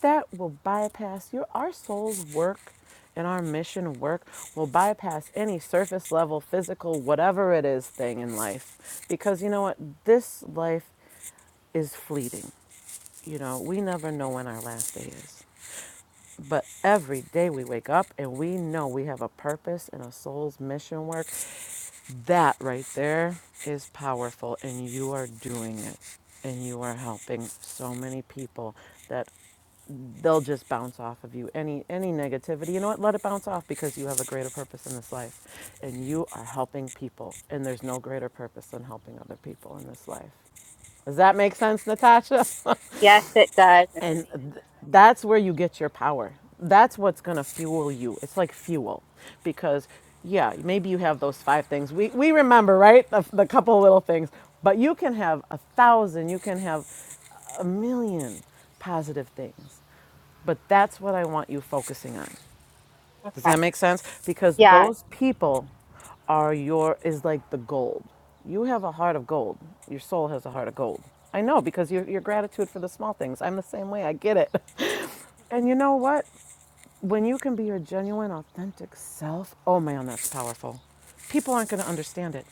Speaker 2: that will bypass your our soul's work and our mission work will bypass any surface level physical whatever it is thing in life because you know what this life is fleeting you know we never know when our last day is but every day we wake up and we know we have a purpose and a soul's mission work that right there is powerful and you are doing it and you are helping so many people that they'll just bounce off of you any any negativity you know what let it bounce off because you have a greater purpose in this life and you are helping people and there's no greater purpose than helping other people in this life does that make sense natasha
Speaker 3: yes, it does. And
Speaker 2: and
Speaker 3: thank you
Speaker 2: th-
Speaker 3: so much.
Speaker 2: that's where you get your power that's what's going to fuel you it's like fuel because yeah maybe you have those five things we, we remember right the, the couple little things but you can have a thousand you can have a million positive things but that's what I want you focusing on. Does
Speaker 3: Okay.
Speaker 2: that make sense? Because
Speaker 3: Yeah.
Speaker 2: those people are your is like the gold. You have a heart of gold. Your soul has a heart of gold. I know because your your gratitude for the small things. I'm the same way. I get it. And you know what? When you can be your genuine, authentic self, oh man, that's powerful. People aren't going to understand it.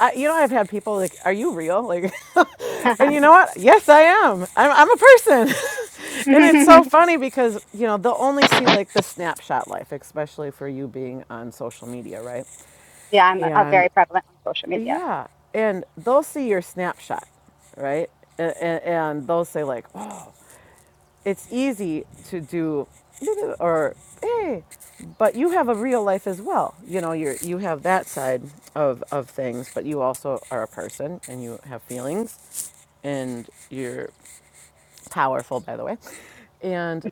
Speaker 2: I, you know, I've had people like, "Are you real?" Like, and you know what? Yes, I am. I'm, I'm a person, and it's so funny because you know they'll only see like the snapshot life, especially for you being on social media, right?
Speaker 3: yeah, I'm uh,
Speaker 2: And
Speaker 3: very prevalent on social media.
Speaker 2: yeah, and they'll see your snapshot, right? And, and, and they'll say like, "Oh." it's easy to do or hey but you have a real life as well you know you're you have that side of of things but you also are a person and you have feelings and you're powerful by the way and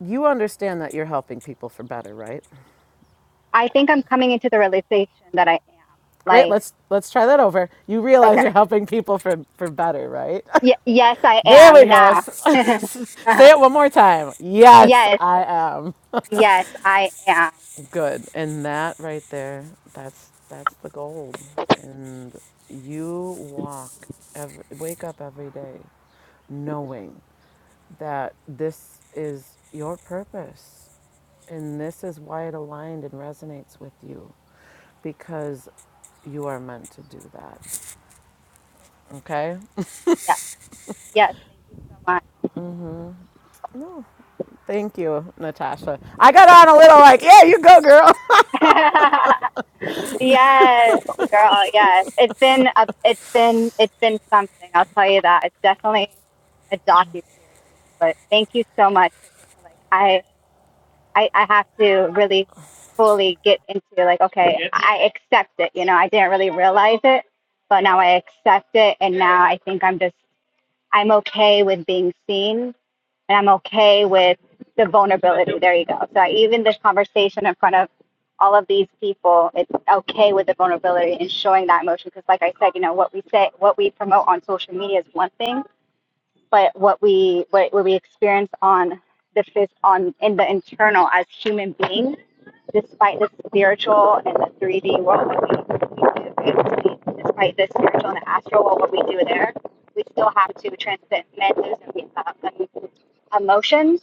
Speaker 2: you understand that you're helping people for better right
Speaker 3: I think I'm coming into the realization that I am.
Speaker 2: wait
Speaker 3: Like,
Speaker 2: let's let's try that over you realize you're
Speaker 3: okay.
Speaker 2: helping people for for better right
Speaker 3: Y- yes, I
Speaker 2: there
Speaker 3: am
Speaker 2: we go
Speaker 3: now.
Speaker 2: say it one more time yes
Speaker 3: yes,
Speaker 2: i am
Speaker 3: yes, I am.
Speaker 2: Good. And that right there, that's that's the gold. And you walk every, wake up every day knowing that this is your purpose and this is why it aligned and resonates with you because you are meant to do that. Okay?
Speaker 3: Yes, yes, thank you so much.
Speaker 2: Thank you, Natasha. I got on a little like, yeah, you go, girl.
Speaker 3: yes, girl, yes. It's been a, it's been it's been something. I'll tell you that. It's definitely a docu series. But thank you so much, Patricia. Like I I, I have to really fully get into like, okay, I accept it. You know, I didn't really realize it, but now I accept it. And now I think I'm just, I'm okay with being seen and I'm okay with the vulnerability. There you go. So I, even this conversation in front of all of these people, it's okay with the vulnerability and showing that emotion. Cause like I said, you know, what we say, what we promote on social media is one thing, but what we, what, what we experience on the phys- on in the internal as human beings despite the spiritual and the 3D world that we, we live in, we, despite the spiritual and the astral world, what we do there, we still have to transcend menus and uh, um, emotions.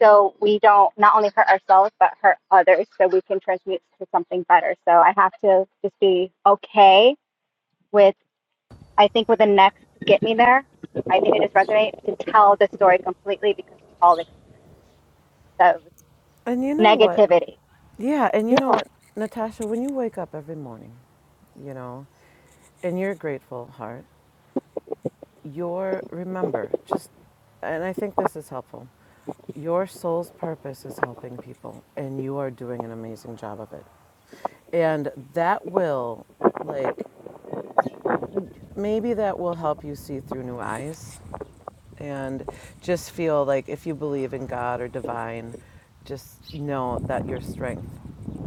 Speaker 3: So we don't not only hurt ourselves, but hurt others so we can transmute to something better. So I have to just be okay with, I think, with the next get me there. I think it just resonates to tell the story completely because we all exposed
Speaker 2: And you know what?
Speaker 3: negativity.
Speaker 2: Yeah, and you know what, Natasha, when you wake up every morning, you know. in your grateful heart, your remember just, and I think this is helpful. Your soul's purpose is helping people, and you are doing an amazing job of it. And that will, like, maybe that will help you see through new eyes. and just feel like if you believe in God or divine, just know that your strength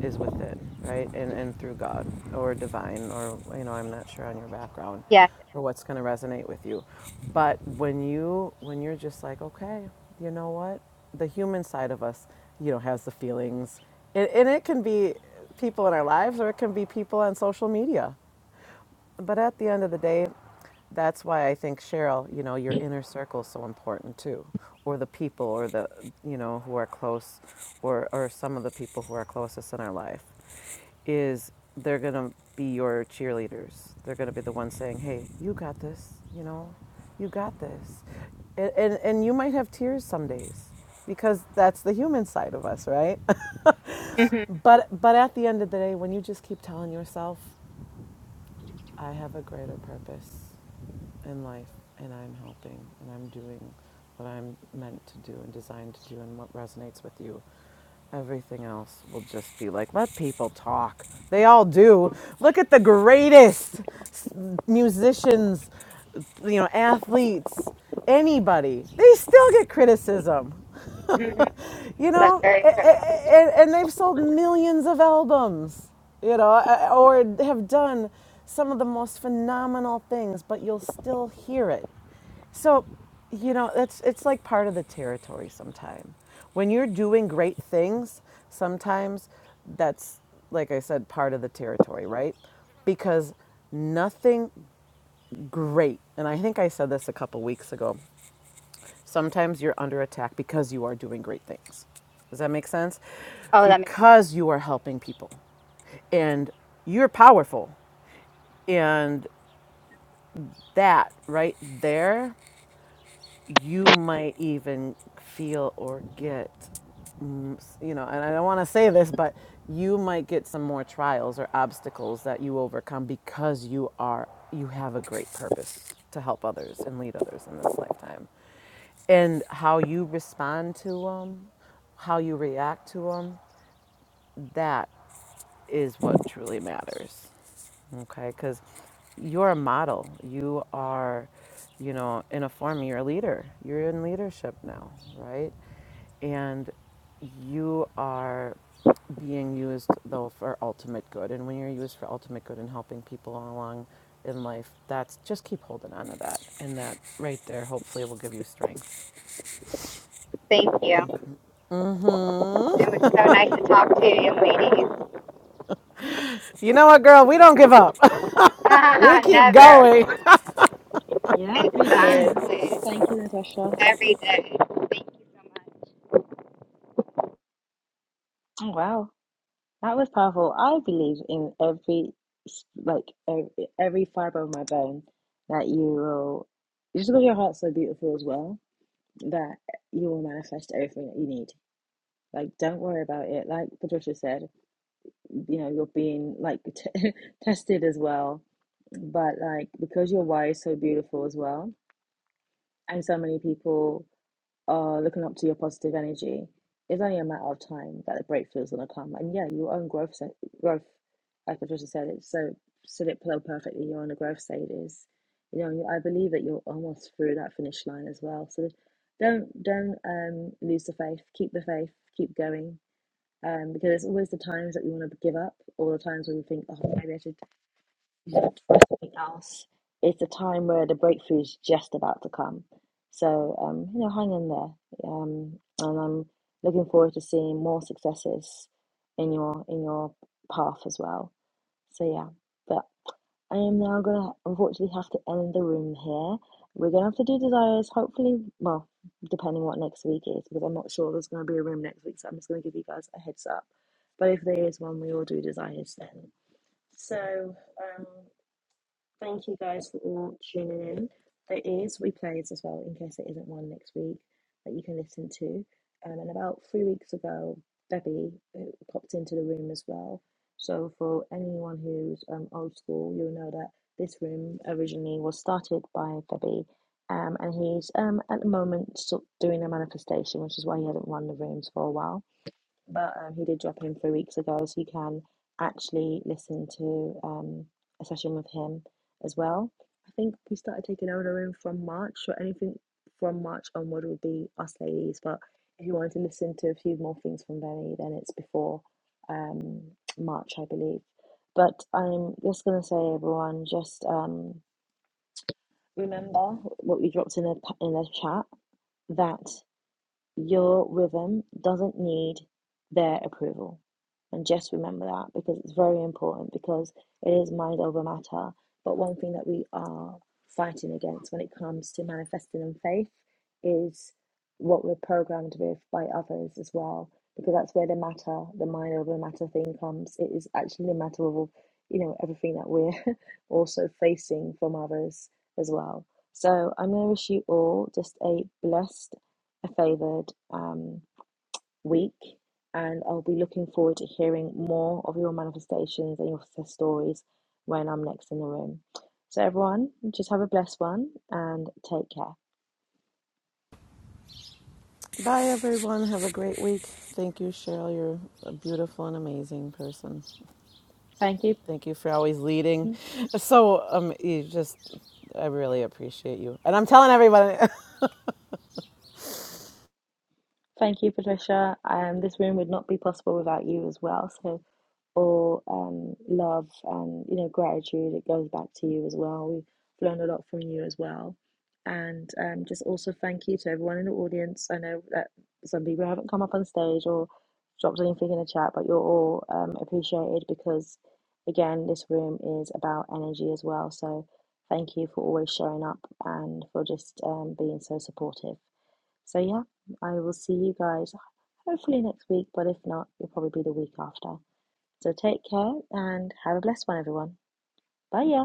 Speaker 2: is within, right? And and through God or divine or you know, I'm not sure on your background
Speaker 3: Yes,
Speaker 2: or what's going to resonate with you. But when you when you're just like, okay, you know what? The human side of us, you know, has the feelings. And, and it can be people in our lives or it can be people on social media but at the end of the day, that's why I think Cheryl, you know, your inner circle is so important too, or the people, or the you know who are close, or or some of the people who are closest in our life, is they're gonna be your cheerleaders. They're gonna be the ones saying, "Hey, you got this," you know, "You got this," and and, and you might have tears some days because that's the human side of us, right?
Speaker 3: hmm
Speaker 2: but but at the end of the day, when you just keep telling yourself, "I have a greater purpose." in life, and I'm helping, and I'm doing what I'm meant to do and designed to do, and what resonates with you. Everything else will just be like, let people talk. They all do. Look at the greatest musicians, you know, athletes, anybody. They still get criticism.
Speaker 3: hmm
Speaker 2: you
Speaker 3: that's
Speaker 2: know, a-
Speaker 3: very
Speaker 2: a-
Speaker 3: true.
Speaker 2: a- and, they've sold millions of albums, you know, or have done some of the most phenomenal things, but you'll still hear it. So, you know, it's it's like part of the territory sometimes. When you're doing great things, sometimes that's like I said, part of the territory, right? Because nothing great, and I think I said this a couple weeks ago. Sometimes you're under attack because you are doing great things. Does that make sense?
Speaker 3: Oh, that makes
Speaker 2: Because you are helping people and you're powerful. And that right there, you might even feel or get, mm, you know, and I don't want to say this, but you might get some more trials or obstacles that you overcome because you are, you have a great purpose to help others and lead others in this lifetime. And how you respond to them, how you react to them, that is what truly matters okay because you're a model you are you know in a form you're a leader you're in leadership now right and you are being used though for ultimate good and when you're used for ultimate good and helping people along in life that's just keep holding on to that and that right there hopefully will give you strength
Speaker 3: perfect. Thank you. It was so nice to talk to you, ladies.
Speaker 2: you know what girl we don't give up we keep
Speaker 3: Never.
Speaker 2: going
Speaker 1: Yeah, we do. So
Speaker 3: Exactly.
Speaker 1: thank you, Natasha.
Speaker 3: Every day. Thank you so much.
Speaker 1: Oh, wow, that was powerful. I believe in every s- like every, every fiber of my bone that you will just because your heart's so beautiful as well that you will manifest everything that you need. Like, don't worry about it. Like Patricia said, you know, you're being like t tested as well, but like because your why is so beautiful as well, and so many people. uh, looking up to your positive energy, it's only a matter of time that the breakthrough is going to come. And yeah, your own growth, se- growth, like Patricia said, it so said it so perfectly. You're on the growth stage. is, You know, you- I believe that you're almost through that finish line as well. So don't don't um lose the faith. Keep the faith. Keep going. Um, because it's always the times that we want to give up, or the times when we think, oh, maybe I should something else. It's a time where the breakthrough is just about to come. So, um, you know, hang in there. Um, and I'm looking forward to seeing more successes in your in your path as well. So yeah, but I am now gonna unfortunately have to end the room here. We're gonna have to do desires, hopefully, well, depending what next week is, because I'm not sure there's gonna be a room next week, so I'm just gonna give you guys a heads up. But if there is one, we will do desires then. So, um. Thank you guys for tuning in. There is replays as well in case there isn't one next week that you can listen to. Um, and about three weeks ago, Debbie uh, popped into the room as well. So for anyone who's um, old school, you'll know that this room originally was started by Debbie. Um, and he's um, at the moment sort of doing a manifestation, which is why he hasn't run the rooms for a while but um, he did drop in three weeks ago, so you can actually listen to um, a session with him as well. I think we started taking order in from March, so anything from March onward would be us ladies. But if you wanted to listen to a few more things from Benny, then it's before um, March, I believe. But I'm just gonna say, everyone, just um, remember what we dropped in the in the chat. that. Your rhythm doesn't need their approval. And just remember that because it's very important because it is mind over matter. But one thing that we are fighting against when it comes to manifesting in faith is what we're programmed with by others as well. Because that's where the matter, the mind over matter thing comes. It is actually a matter of, you know, everything that we're also facing from others as well. So I'm going to wish you all just a blessed a favored um, week, and I'll be looking forward to hearing more of your manifestations and your success stories when I'm next in the room. So, everyone, just have a blessed one and take care.
Speaker 2: bye everyone have a great week thank you cheryl you're a beautiful and amazing person
Speaker 1: Thank you.
Speaker 2: Thank you for always leading. So um, you just, I really appreciate you. And I'm telling everybody.
Speaker 1: Thank you, Patricia. Um, this room would not be possible without you as well. So, all um, love and you know gratitude, it goes back to you as well. We've learned a lot from you as well, and um, just also thank you to everyone in the audience. I know that some people haven't come up on stage or dropped anything in the chat, but you're all um, appreciated because, again, this room is about energy as well. So, thank you for always showing up and for just um, being so supportive. So yeah, I will see you guys hopefully next week, but if not, it'll probably be the week after. So take care and have a blessed one, everyone. Bye, y'all.